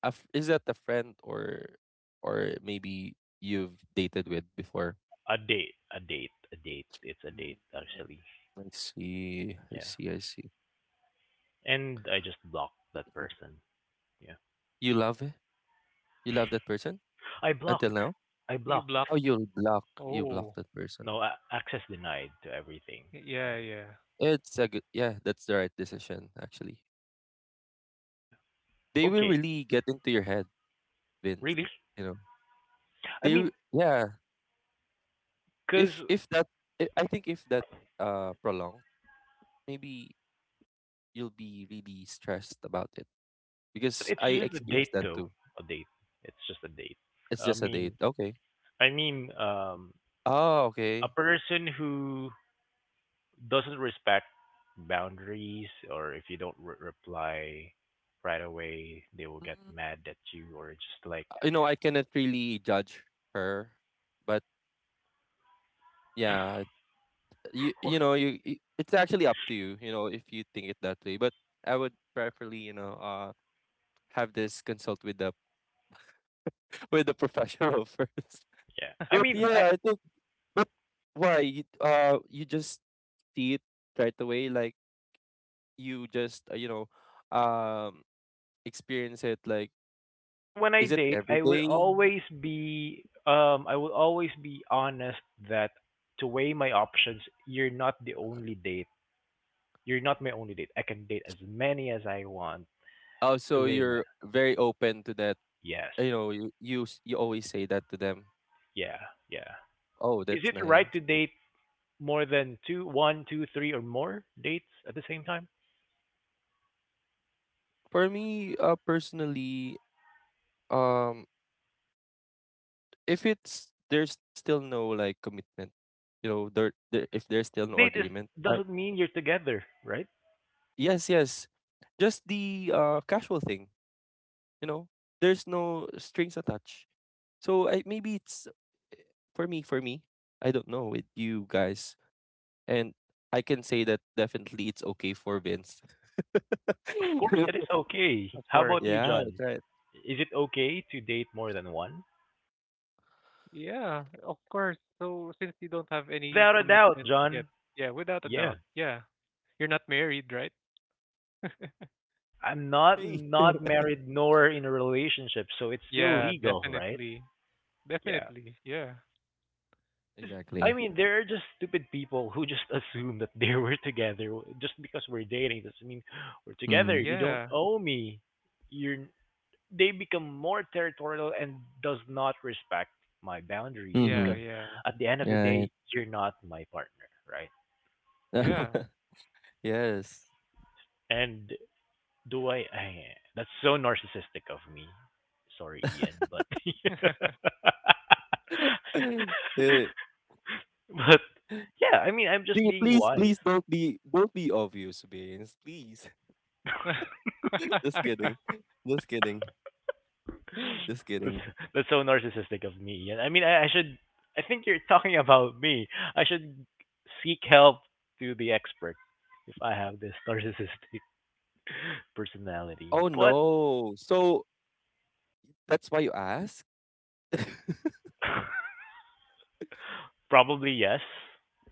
C: a f- Is that a friend or, or maybe you've dated with before?
A: A date, a date, a date. It's a
C: Mm,
A: date actually.
C: I see. I
A: Yeah.
C: see. I see.
A: And I just blocked that person. Yeah.
C: You love it? You love that person
A: I
C: until
A: blocked.
C: now?
A: I
B: You
A: blocked.
B: block.
C: How you block You block
B: Oh,
C: that person?
A: No a- access denied to everything. Yeah.
B: yeah, yeah.
C: It's a good yeah, that's the right decision actually.
A: Yeah.
C: They will
A: Okay.
C: really get into your head, Vince.
A: Really?
C: You know,
A: I
C: they w-
A: mean,
C: yeah.
A: cause
C: If if that I I think if that uh prolonged, maybe you'll be really stressed about it
A: but
C: because
A: it's
C: I
A: just a date
C: experienced that
A: though.
C: too.
A: A date. It's just a date.
C: It's
A: I
C: just a date,
A: mean,
C: okay?
A: I mean, um,
C: Oh,
A: a
C: okay.
A: person who doesn't respect boundaries, or if you don't re- reply right away, they will get
C: Mm,
A: mad at you, or just like,
C: you know, I cannot really judge her, but yeah, you
A: what?
C: you know you you- it's actually up to you you know if you think it that way, but I would preferably you know uh have this consult with the with the professional first.
A: Yeah. I
C: But
A: mean, I,
C: yeah I think but why you, uh you just see it right away like you just uh, you know um experience it like
A: Because when I
C: is it
A: date,
C: every
A: I would
C: day
A: always be um I will always be honest that to weigh my options, you're not the only date. You're not my only date. I can date as many as I want
C: oh
A: to
C: so
A: weigh my
C: you're very open to that.
A: yes.
C: You know you you, s- you always say that to them
A: Yeah, yeah.
C: oh
A: Is
C: that's
A: it right to
C: nice.
A: date more than two, one, two, three, or more dates at the same time?
C: For me uh personally um if it's there's still no like commitment, you know, there, there if there's still
A: Because
C: no
A: date is
C: agreement, uh,
A: doesn't mean you're together, right?
C: yes, yes, just the uh casual thing, you know, there's no strings attached. So I, maybe it's for me, for me, I don't know with you guys, and I can say that definitely it's okay for Vince.
A: Of course, it is okay.
B: Of
A: How
B: course.
A: about you,
C: Yeah, that's
A: John?
C: right.
A: Is it okay to date more than one?
B: Yeah, of course. So since you don't have any
A: Without a doubt,
B: commitments yet,
A: John.
B: yeah, without a
A: Yeah,
B: doubt, yeah. You're not married, right?
A: I'm not
C: Hey.
A: not married nor in a relationship, so it's still
B: Yeah,
A: legal, right?
B: definitely.
A: Yeah.
B: Definitely. Yeah.
A: Cuz I
C: Exactly.
A: mean, there are just stupid people who just assume that they were together just because we're dating doesn't mean we're
C: Mm-hmm.
A: together. You don't
B: Yeah.
A: owe me. You're they become more territorial and does not respect my boundaries
C: Mm-hmm.
B: Yeah,
A: because
B: yeah.
A: at the end of the
C: Right.
A: day, you're not my partner, right?
B: Yeah.
C: Yes.
A: And Do I, I? That's so narcissistic of me. Sorry, Ian, but
C: Eh,
A: but yeah, I mean, I'm
C: do
A: just
C: you
A: being
C: please,
A: wise.
C: please don't be don't be obvious, Vince. Please. Just kidding. Just kidding. Just
A: that's
C: kidding.
A: that's so narcissistic of me, Ian. I mean, I, I should. I think you're talking about me. I should seek help to the expert if I have this narcissistic personality.
C: Oh
A: But
C: no. So that's why you ask?
A: probably yes.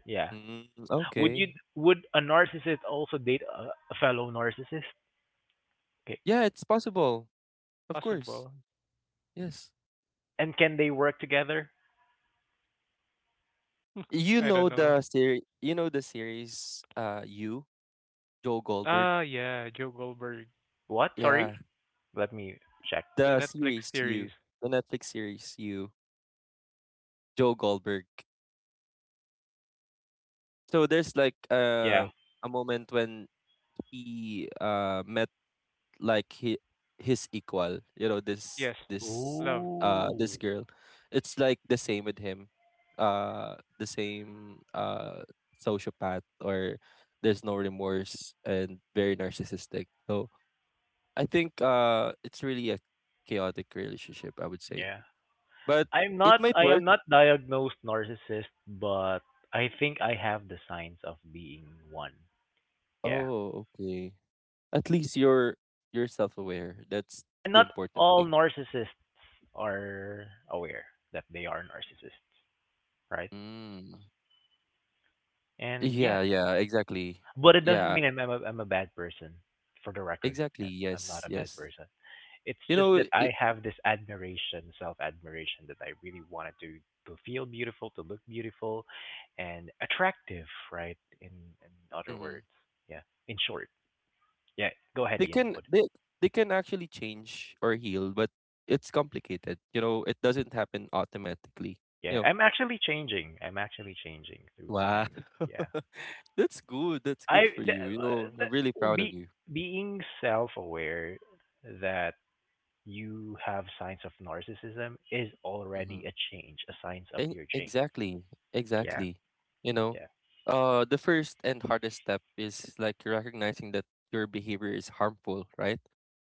A: Yeah.
C: Mm,
A: Would
C: okay.
A: you would a narcissist also date a, a fellow narcissist? Okay.
C: Yeah, it's possible. Of course.
B: Possible.
C: Yes.
A: And can they work together?
C: You
B: I
C: know
B: don't know.
C: the series you know the series uh you, Joe Goldberg.
B: Ah, yeah, Joe Goldberg,
A: What? Sorry?
C: Yeah.
A: Let me check.
B: the
C: The
B: Netflix
C: series
B: series.
C: you. The Netflix series you, Joe Goldberg. So there's like uh
A: Yeah.
C: a moment when he uh met like he his equal you know this
B: Yes.
C: this
B: Love.
C: uh this
A: Ooh.
C: girl. It's like the same with him, uh the same uh sociopath or there's no remorse and very narcissistic, so I think uh it's really a chaotic relationship I would say,
A: Yeah.
C: but
A: I'm
C: it
A: not
C: might
A: I am
C: work.
A: not diagnosed narcissist, but I think I have the signs of being one. Yeah.
C: Oh okay, at least you're you're self-aware, that's
A: And
C: the
A: not
C: important
A: all
C: thing.
A: narcissists are aware that they are narcissists, right?
C: Mm.
A: And yeah,
C: yeah yeah exactly.
A: but it doesn't
C: Yeah.
A: mean I'm I'm a, I'm a bad person. For the record,
C: Exactly.
A: I- I'm not
C: Yes.
A: a bad
C: Yes.
A: person. It's
C: You
A: just
C: know,
A: that I
C: it,
A: have this admiration, self-admiration that I really wanted to to feel beautiful, to look beautiful and attractive, right? In in other
C: mhm.
A: words. Yeah. In short. Yeah. Go ahead,
C: They
A: Ian.
C: can
A: What?
C: they they can actually change or heal, but it's complicated. You know, it doesn't happen automatically. You
A: Yeah.
C: know.
A: I'm actually changing. I'm actually changing through
C: Wow.
A: time. Yeah.
C: That's good. That's
A: I
C: good for
A: th-
C: you. You
A: uh,
C: know, I'm really
A: th-
C: proud of
A: be
C: you.
A: being self-aware that you have signs of narcissism is
C: Hmm.
A: already a change, a signs of
C: E-
A: your change.
C: exactly.
A: Yeah.
C: Exactly. You know,
A: Yeah.
C: uh, the first and hardest step is like recognizing that your behavior is harmful, right?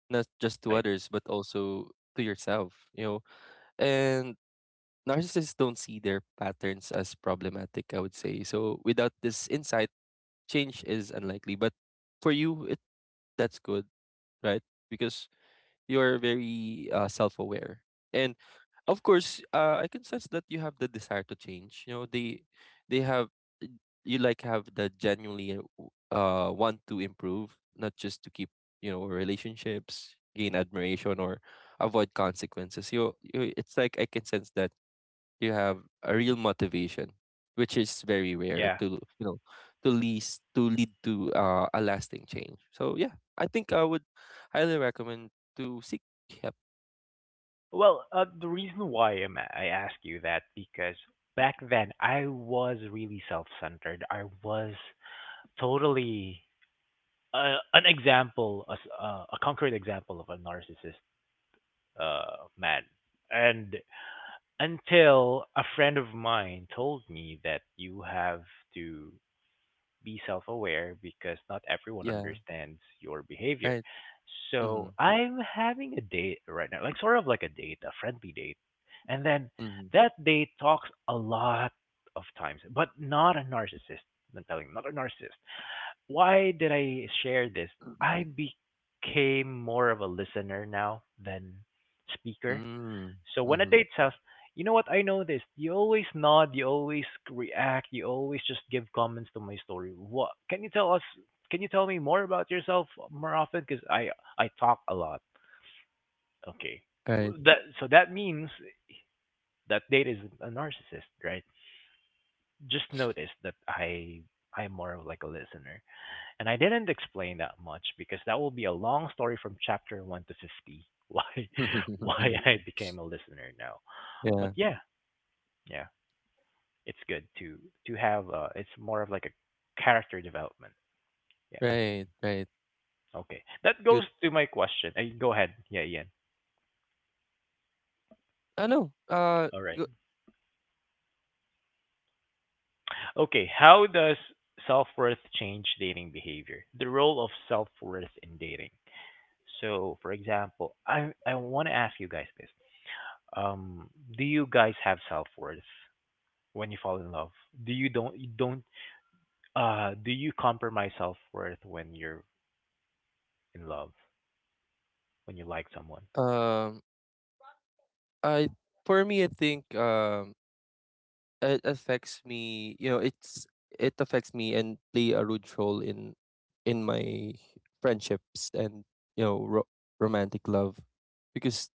C: Not just to
A: Right.
C: others, but also to yourself. You know, and narcissists don't see their patterns as problematic, I would say. So without this insight, change is unlikely. But for you, it that's good, right? Because you're very uh, self-aware. And of course, uh, I can sense that you have the desire to change. You know, they they have you like have the genuinely uh, w- uh, want to improve, not just to keep you know relationships, gain admiration, or avoid consequences. You, you it's like I can sense that you have a real motivation, which is very rare
A: Yeah.
C: to you know to lead to lead to uh, a lasting change. So yeah, I think I would highly recommend to seek help.
A: Well, uh, the reason why I'm, I ask you that because back then I was really self-centered. I was totally uh, an example, a, s- uh, a concrete example of a narcissist uh, man. And until a friend of mine told me that you have to be self-aware because not everyone
C: Yeah,
A: understands your behavior.
C: right. Mm-hmm.
A: So I'm having a date right now, like sort of like a date, a friendly date, and then
C: Mm-hmm.
A: that date talks a lot of times, but not a narcissist. I'm telling, you, not a narcissist. Why did I share this? I became more of a listener now than speaker
C: Mm,
A: so when a
C: mm-hmm.
A: date says, "You know what? I noticed you always nod, you always react, you always just give comments to my story. What can you tell us? Can you tell me more about yourself more often? Because I I talk a lot." Okay,
C: Right.
A: that so that means that date is a narcissist, right? Just notice that I I'm more of like a listener, and I didn't explain that much because that will be a long story from chapter one to fifty. Why why I became a listener now, but
C: Yeah.
A: yeah. Yeah. It's good to to have uh it's more of like a character development, yeah.
C: Right. Right.
A: Okay, that goes
C: Good.
A: to my question. Uh, go ahead yeah ian
C: I know. Uh.
A: all right
C: Go,
A: Okay, how does self-worth change dating behavior, the role of self-worth in dating? So for example, i i want to ask you guys this, um do you guys have self-worth when you fall in love? Do you don't you don't uh Do you compromise self-worth when you're in love, when you like someone?
C: um. I For me, I think um it affects me you know it's it affects me and play a rude role in in my friendships and you know ro- romantic love because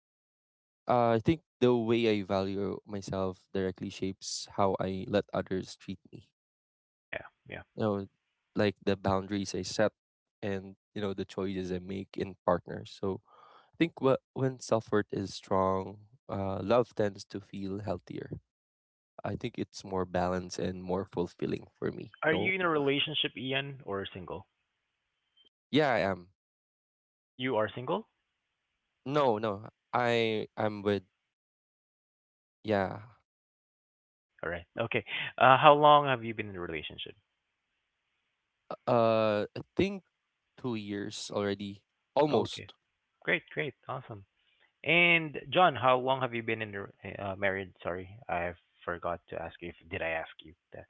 C: uh, I think the way I value myself directly shapes how I let others treat me.
A: Yeah, yeah.
C: You know, like the boundaries I set, and you know the choices I make in partners. So I think wh- when self-worth is strong, uh, love tends to feel healthier. I think it's more balanced and more fulfilling for me.
A: Are you
C: No.
A: in a relationship, Ian, or single?
C: Yeah, I am.
A: You are single?
C: No, no. I I'm with Yeah.
A: Okay, all right. Okay. Uh, how long have you been in a relationship?
C: Uh, I think two years already.
A: Okay.
C: Almost.
A: Great, great. Awesome. And John, how long have you been in a uh, married? Sorry, I forgot to ask you if did I ask you that.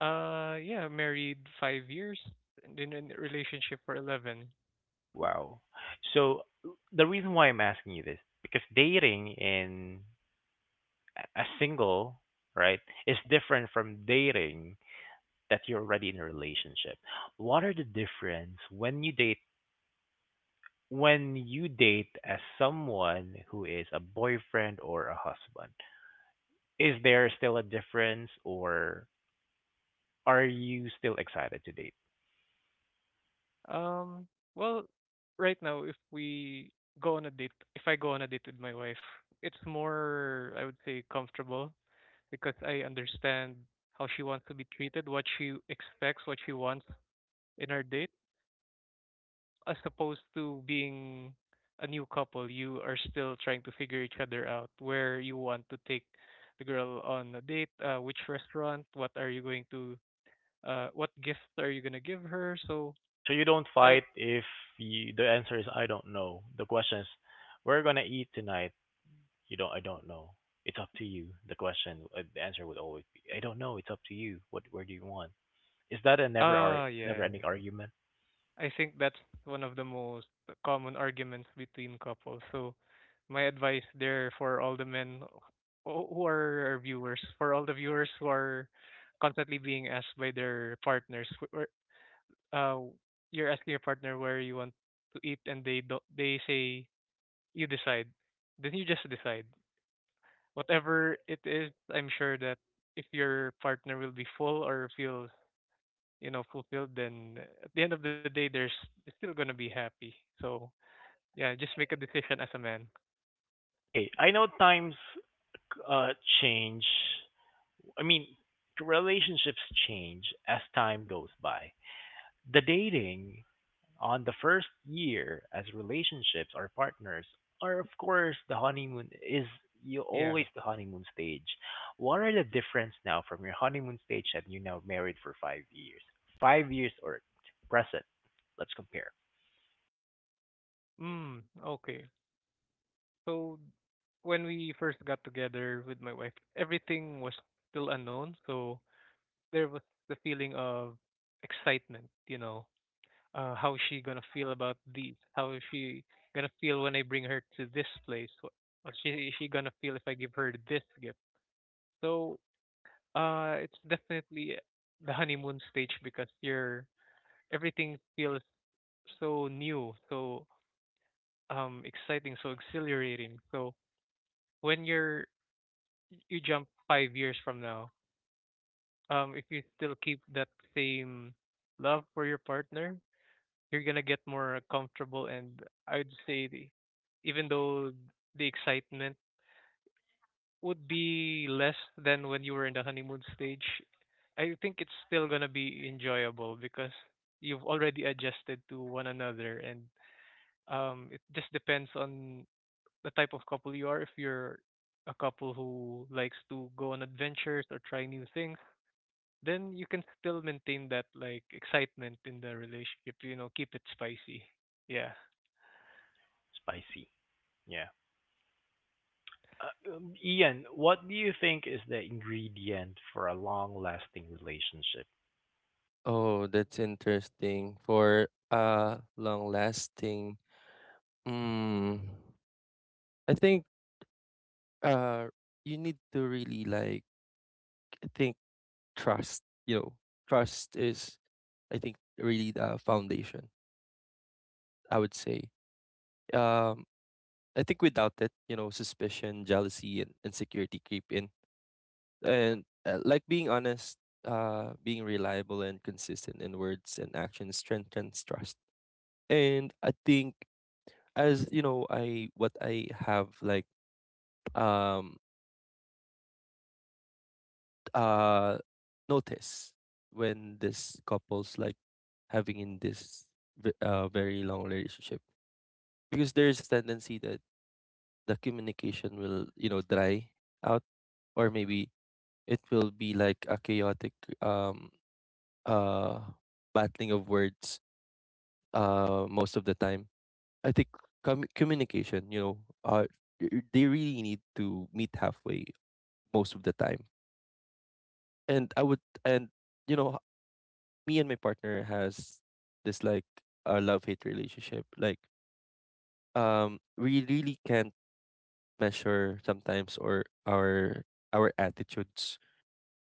B: Uh, yeah, married five years and in a relationship for eleven.
A: Wow. So the reason why I'm asking you this because dating in a a single, right, is different from dating that you're already in a relationship. What are the difference when you date when you date as someone who is a boyfriend or a husband, is there still a difference or are you still excited to date?
B: Um, well, right now, if we go on a date, if I go on a date with my wife, it's more, I would say, comfortable because I understand how she wants to be treated, what she expects, what she wants in our date, as opposed to being a new couple, you are still trying to figure each other out, where you want to take the girl on a date, uh, which restaurant, what are you going to uh what gift are you gonna give her so
A: So you don't
B: I
A: fight if you, the answer is I don't know. The question is we're gonna eat tonight. You don't I don't know. It's up to you. The question uh, the answer would always be I don't know. It's up to you. What where do you want? Is that a never ar-
B: ah
A: never
B: yeah yeah.
A: ending argument?
B: I think that's one of the most common arguments between couples. So my advice there for all the men who who are our viewers, for all the viewers who are constantly being asked by their partners wh- where uh you're asking your partner where you want to eat and they don't, they say you decide, then you just decide whatever it is. I'm sure that if your partner will be full or feel, you know, fulfilled, then at the end of the day there's they're still going to be happy. So yeah, just make a decision as a man.
A: Okay, I know times uh change, I mean, relationships change as time goes by. The dating on the first year as relationships or partners are, of course, the honeymoon is you
B: Yeah,
A: always the honeymoon stage. What are the difference now from your honeymoon stage that you now married for five years? Five years or present? Let's compare.
B: mm, okay, so when we first got together with my wife everything was still unknown. So there was the feeling of excitement, you know, uh, how is she gonna feel about these, how is she gonna feel when I bring her to this place, Wh- or she is she gonna feel if I give her this gift? So Uh, it's definitely the honeymoon stage because you're everything feels so new, so um exciting, so exhilarating. So when you're you jump five years from now, um, if you still keep that same love for your partner, you're gonna get more comfortable, and I'd say the even though the excitement would be less than when you were in the honeymoon stage, I think it's still gonna be enjoyable because you've already adjusted to one another, and um, it just depends on the type of couple you are. If you're a couple who likes to go on adventures or try new things, then you can still maintain that like excitement in the relationship. You know, keep it spicy. Yeah,
A: Spicy. Yeah. Uh, um, Ian, what do you think is the ingredient for a long lasting relationship?
C: Oh, that's interesting. For uh, long lasting. Mm, I think uh you need to really like I think trust, you know. Trust is, I think, really the foundation, I would say. Um I think without it, you know, suspicion, jealousy, and insecurity creep in. And uh, like being honest, uh, being reliable and consistent in words and actions strengthens trust. And I think, as you know, I what I have like um uh notice when this couples like having in this ve- uh, very long relationship, because there's a tendency that the communication will you know dry out, or maybe it will be like a chaotic um uh battling of words uh most of the time. I think com- communication, you know, uh y- they really need to meet halfway most of the time. And I would, and you know, me and my partner has this like a love hate relationship. Like um we really can't measure sometimes or our our attitudes,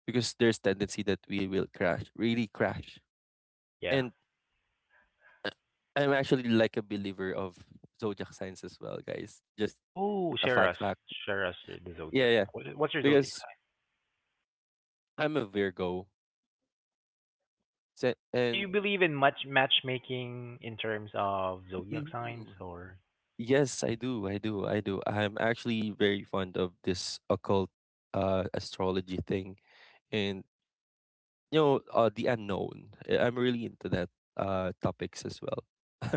C: because there's tendency that we will crash, really crash.
A: Yeah.
C: And Uh, I'm actually like a believer of zodiac signs as well, guys. Just
A: Whoa,
C: a
A: share
C: fun
A: us,
C: fact.
A: share us your, the zodiac
C: Yeah,
A: sign.
C: yeah.
A: What, what's your zodiac
C: Because I'm a Virgo. Se-
A: sign? Um, do you
C: And
A: believe in much matchmaking in terms of zodiac signs,
C: mhm.
A: or?
C: Yes, I do. I do. I do. I'm actually very fond of this occult uh astrology thing, and you know uh the unknown. Uh, I'm really into that uh topics as well.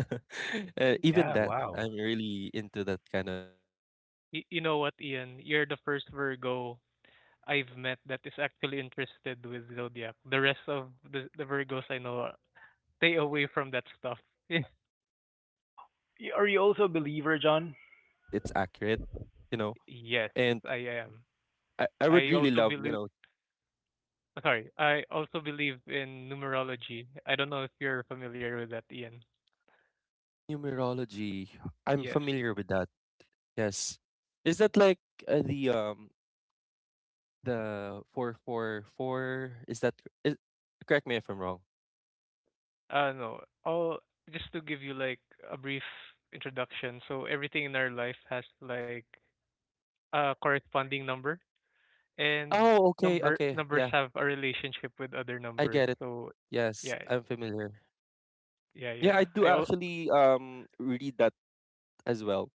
C: Uh,
A: Oh,
C: even
A: yeah,
C: that
A: wow.
C: I'm really into that kind of topic. So it's
B: y-
C: really
B: you know
C: like
B: what, Ian, you're the first
C: um there's
B: Virgo
C: something about
B: I've
C: uh
B: met
C: those
B: that is
C: topics that
B: actually
C: really you
B: interested
C: know
B: with zodiac. The
C: tickle
B: rest
C: my
B: of the the
C: imagination.
B: Virgos I know, uh,
C: So yes, I'm
B: stay
C: actually a
B: away from that
C: believer of
B: stuff.
C: that. Because some
A: Y-
C: sometimes
A: Are
C: it
A: you also a
C: really
A: believer,
C: like
A: John?
C: sometimes it's accurate, you know.
B: Yes,
C: And
B: I am.
C: i, I would
B: I
C: really
B: also
C: love you
B: believe.
C: know
B: Sorry, I also believe in numerology. I don't know if you're familiar with that, Ian.
C: numerology. I'm
B: Yes.
C: familiar with that. Yes, is that like uh, the um the four four four? Is that is, correct me if I'm wrong.
B: Uh, no. All just to give you like a brief introduction. So everything in our life has like a corresponding number, and
C: Oh, okay,
B: number
C: okay,
B: numbers
C: yeah.
B: have a relationship with other
C: I
B: numbers.
C: get it.
B: So
C: Yes,
B: yeah,
C: I'm familiar.
B: yeah,
C: Yeah,
B: yeah.
C: I do
B: I all
C: actually um read that as well.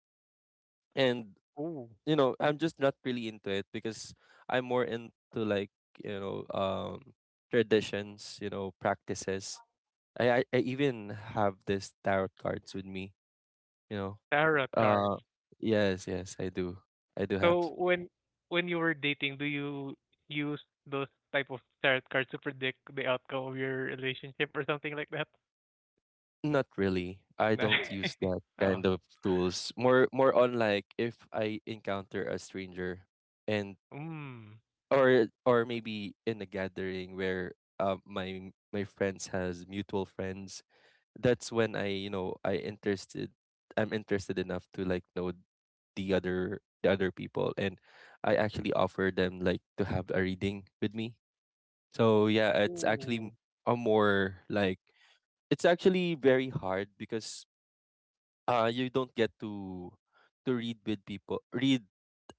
C: And
B: Oh
C: you know, I'm just not really into it, because I'm more into, like, you know, um traditions, you know, practices. I I, I even have this tarot cards with me, you know.
B: tarot
C: Uh,
B: cards.
C: yes, yes, I do. I do have.
B: So when when you were dating, do you use those type of tarot cards to predict the outcome of your relationship or something like that?
C: Not really. I
B: Not-
C: don't use that
B: oh.
C: kind of tools. More, more on like if I encounter a stranger, and
B: Mm.
C: or or maybe in a gathering where um my my friends has mutual friends. That's when I you know i interested I'm interested enough to like know the other the other people, and I actually offer them like to have a reading with me. So yeah, it's actually
B: Ooh.
C: a more like, it's actually very hard, because uh you don't get to to read with people read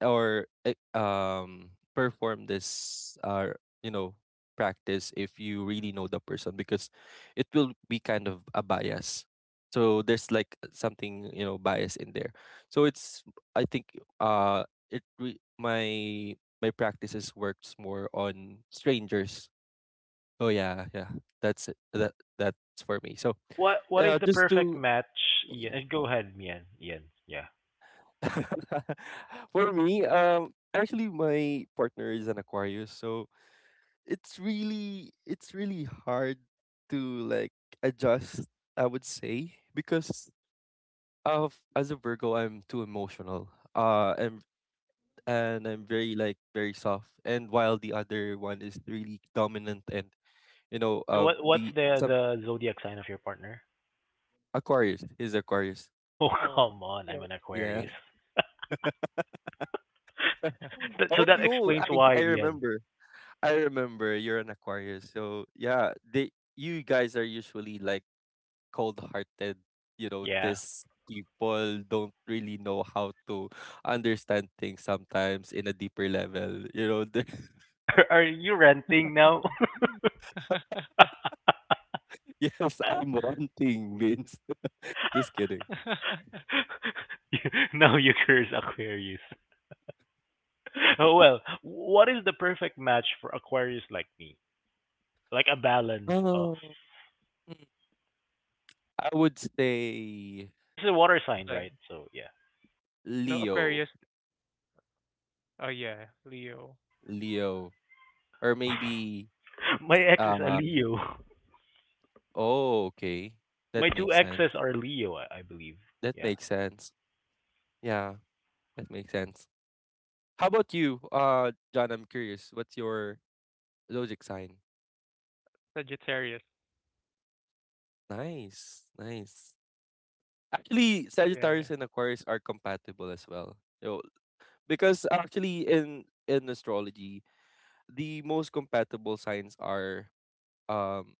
C: or eh, um perform this uh you know practice if you really know the person, because it will be kind of a bias. So there's like something you know bias in there. So it's, I think uh it re- my my practices works more on strangers. Oh, yeah, yeah, that's it. That that's for me. So
A: What What is
C: uh
A: the
C: just
A: perfect
C: to
A: match? Ian, uh, go ahead, Ian. Ian, yeah.
C: For me, um, actually, my partner is an Aquarius, so it's really it's really hard to like adjust, I would say. Because of as a Virgo, I'm too emotional. Uh, and and I'm very like very soft, and while the other one is really dominant and you know
A: Sorry,
C: uh
A: what what's
C: the
A: the
C: some
A: the zodiac sign of your partner?
C: Aquarius is Aquarius.
A: Oh,
B: Oh.
A: come on, I'm
B: Yeah.
A: an
C: Yeah.
A: Aquarius. That, so
C: Oh,
A: that
C: yo,
A: explains
C: I
A: why,
C: I
A: Ian.
C: remember. I remember you're an Aquarius, so yeah, they you guys are usually like cold-hearted. You know,
A: Yeah.
C: these people don't really know how to understand things sometimes in a deeper level. You know, the,
A: Are Are you renting now?
C: yes, I'm wanting means. Just kidding.
A: No, you curse Aquarius. Oh well, what is the perfect match for Aquarius like me? Like a balance of
C: Oh, I would say
A: Aquarius is a water sign,
B: Sign.
A: right? So yeah.
B: No
C: Leo,
B: Aquarius. Oh yeah, Leo.
C: Leo, or maybe
A: My ex is a
C: um.
A: Leo.
C: Oh, okay, that
A: My two
C: makes sense.
A: exes are Leo, I, I believe.
C: That
A: Yeah.
C: makes sense. Yeah, that makes sense. How about you, uh, John? I'm curious. What's your zodiac sign?
B: Sagittarius.
C: Nice, nice. Actually,
B: Yeah,
C: Sagittarius
B: yeah.
C: and Aquarius are compatible as well. So, because actually in in astrology, the most compatible signs are um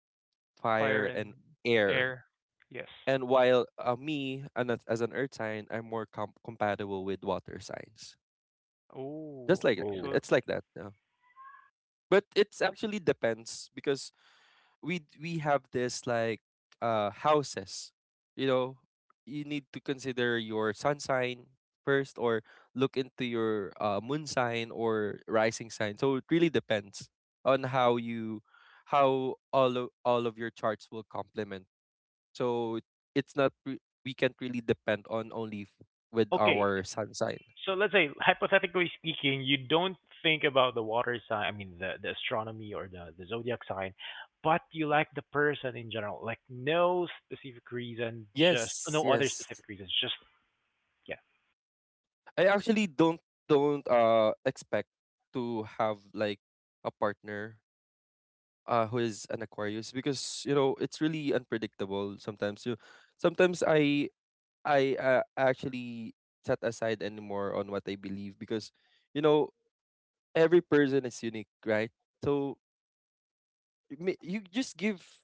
B: Fire
C: fire
B: and
C: and air.
B: air. Yes.
C: And while uh, me and as as an earth sign, I'm more com- compatible with water signs. Just
B: Oh.
C: like
B: Okay.
C: that.
A: Oh.
B: So.
C: It's like that. Yeah. But it's actually depends, because we d- we have this like uh houses, you know. You need to consider your sun sign first, or look into your uh, moon sign or rising sign. So it really depends on how you how all of, all of your charts will complement. So it's not re- we can't really depend on only f- with
A: Okay.
C: our sun sign.
A: So let's say, hypothetically speaking, you don't think about the water sign, I mean, the, the astronomy or the, the zodiac sign, but you like the person in general. Like, no specific reason, just
C: Yes,
A: no other
C: yes,
A: specific reasons, just yeah,
C: I actually don't don't uh expect to have like a partner uh who is an Aquarius, because you know it's really unpredictable. Sometimes you sometimes I I uh, actually set aside anymore on what I believe, because you know every person is unique, right? So you may- you just give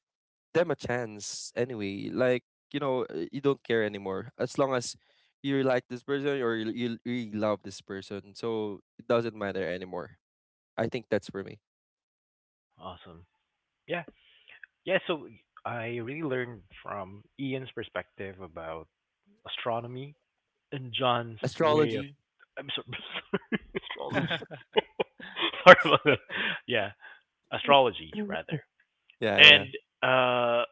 C: them a chance anyway, like, you know, uh, you don't care anymore, as long as you like this person or you, you really love this person, so it doesn't matter anymore. I think that's for me.
A: awesome. Yeah. Yeah, so I really learned from Ian's perspective about astronomy and John's way of,
C: Astrology.
A: I'm so, sorry, astrology. Sorry about that. Yeah, astrology rather.
C: Yeah, yeah.
A: And uh,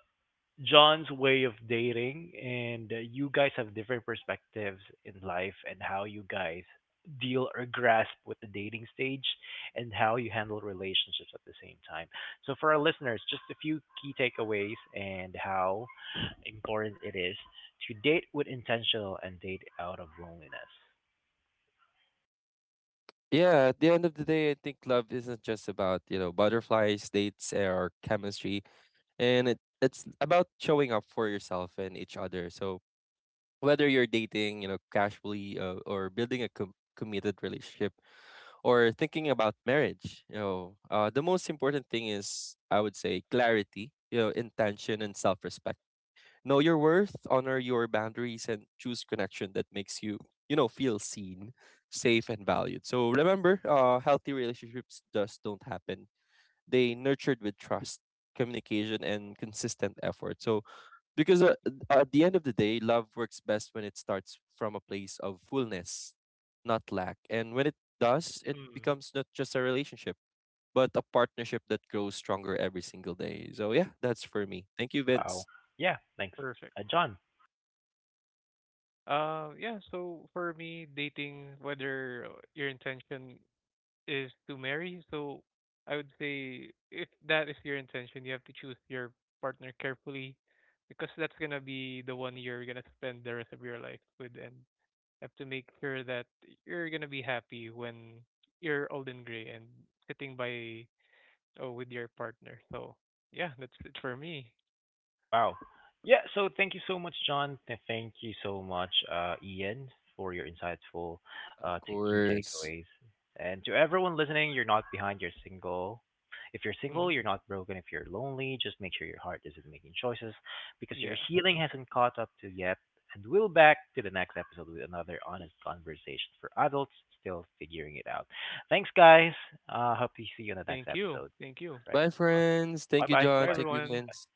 A: John's way of dating, and uh, you guys have different perspectives in life and how you guys deal or grasp with the dating stage and how you handle relationships at the same time. So, for our listeners, just a few key takeaways and how important it is to date with intentional and date out of loneliness.
C: Yeah, at the end of the day, I think love isn't just about, you know, butterflies, dates, or chemistry. And it, it's about showing up for yourself and each other. So whether you're dating, you know, casually, uh, or building a com- committed relationship or thinking about marriage, you know, uh, the most important thing is, I would say, clarity, you know, intention and self respect. Know your worth, honor your boundaries, and choose connection that makes you, you know, feel seen, safe, and valued. So remember, uh, healthy relationships just don't happen. They nurtured with trust, communication, and consistent effort. So because uh, at the end of the day, love works best when it starts from a place of fullness, not lack. And when it does, it
B: Hmm.
C: becomes not just a relationship, but a partnership that grows stronger every single day. So yeah, that's for me. Thank you,
A: Wow.
C: Vince.
A: Yeah, thanks.
B: Perfect.
A: Uh, John,
B: Uh, yeah, so for me, dating, whether your intention is to marry, so I would say if that is your intention, you have to choose your partner carefully because that's gonna be the one you're gonna spend the rest of your life with, and you have to make sure that you're gonna be happy when you're old and gray and sitting by oh with your partner. So yeah, that's it for me.
A: wow. Yeah, so thank you so much, John. Th- Thank you so much, uh, Ian, for your insightful
C: Of
A: uh, t- key
C: course.
A: takeaways. And to everyone listening, you're not behind, you're single. If you're
B: Mm-hmm.
A: single, you're not broken. If you're lonely, just make sure your heart isn't making choices because your
B: Yeah.
A: healing hasn't caught up to yet. And we'll back to the next episode with another honest conversation for adults still figuring it out. Thanks, guys. Uh, hope to see you in the next
B: Thank you.
A: episode.
B: Thank you.
A: Right.
C: Bye, friends.
A: Bye
C: Thank you,
A: bye. Bye
C: John.
B: Bye,
C: Thank
A: bye.
C: you,
B: everyone.
C: Vince.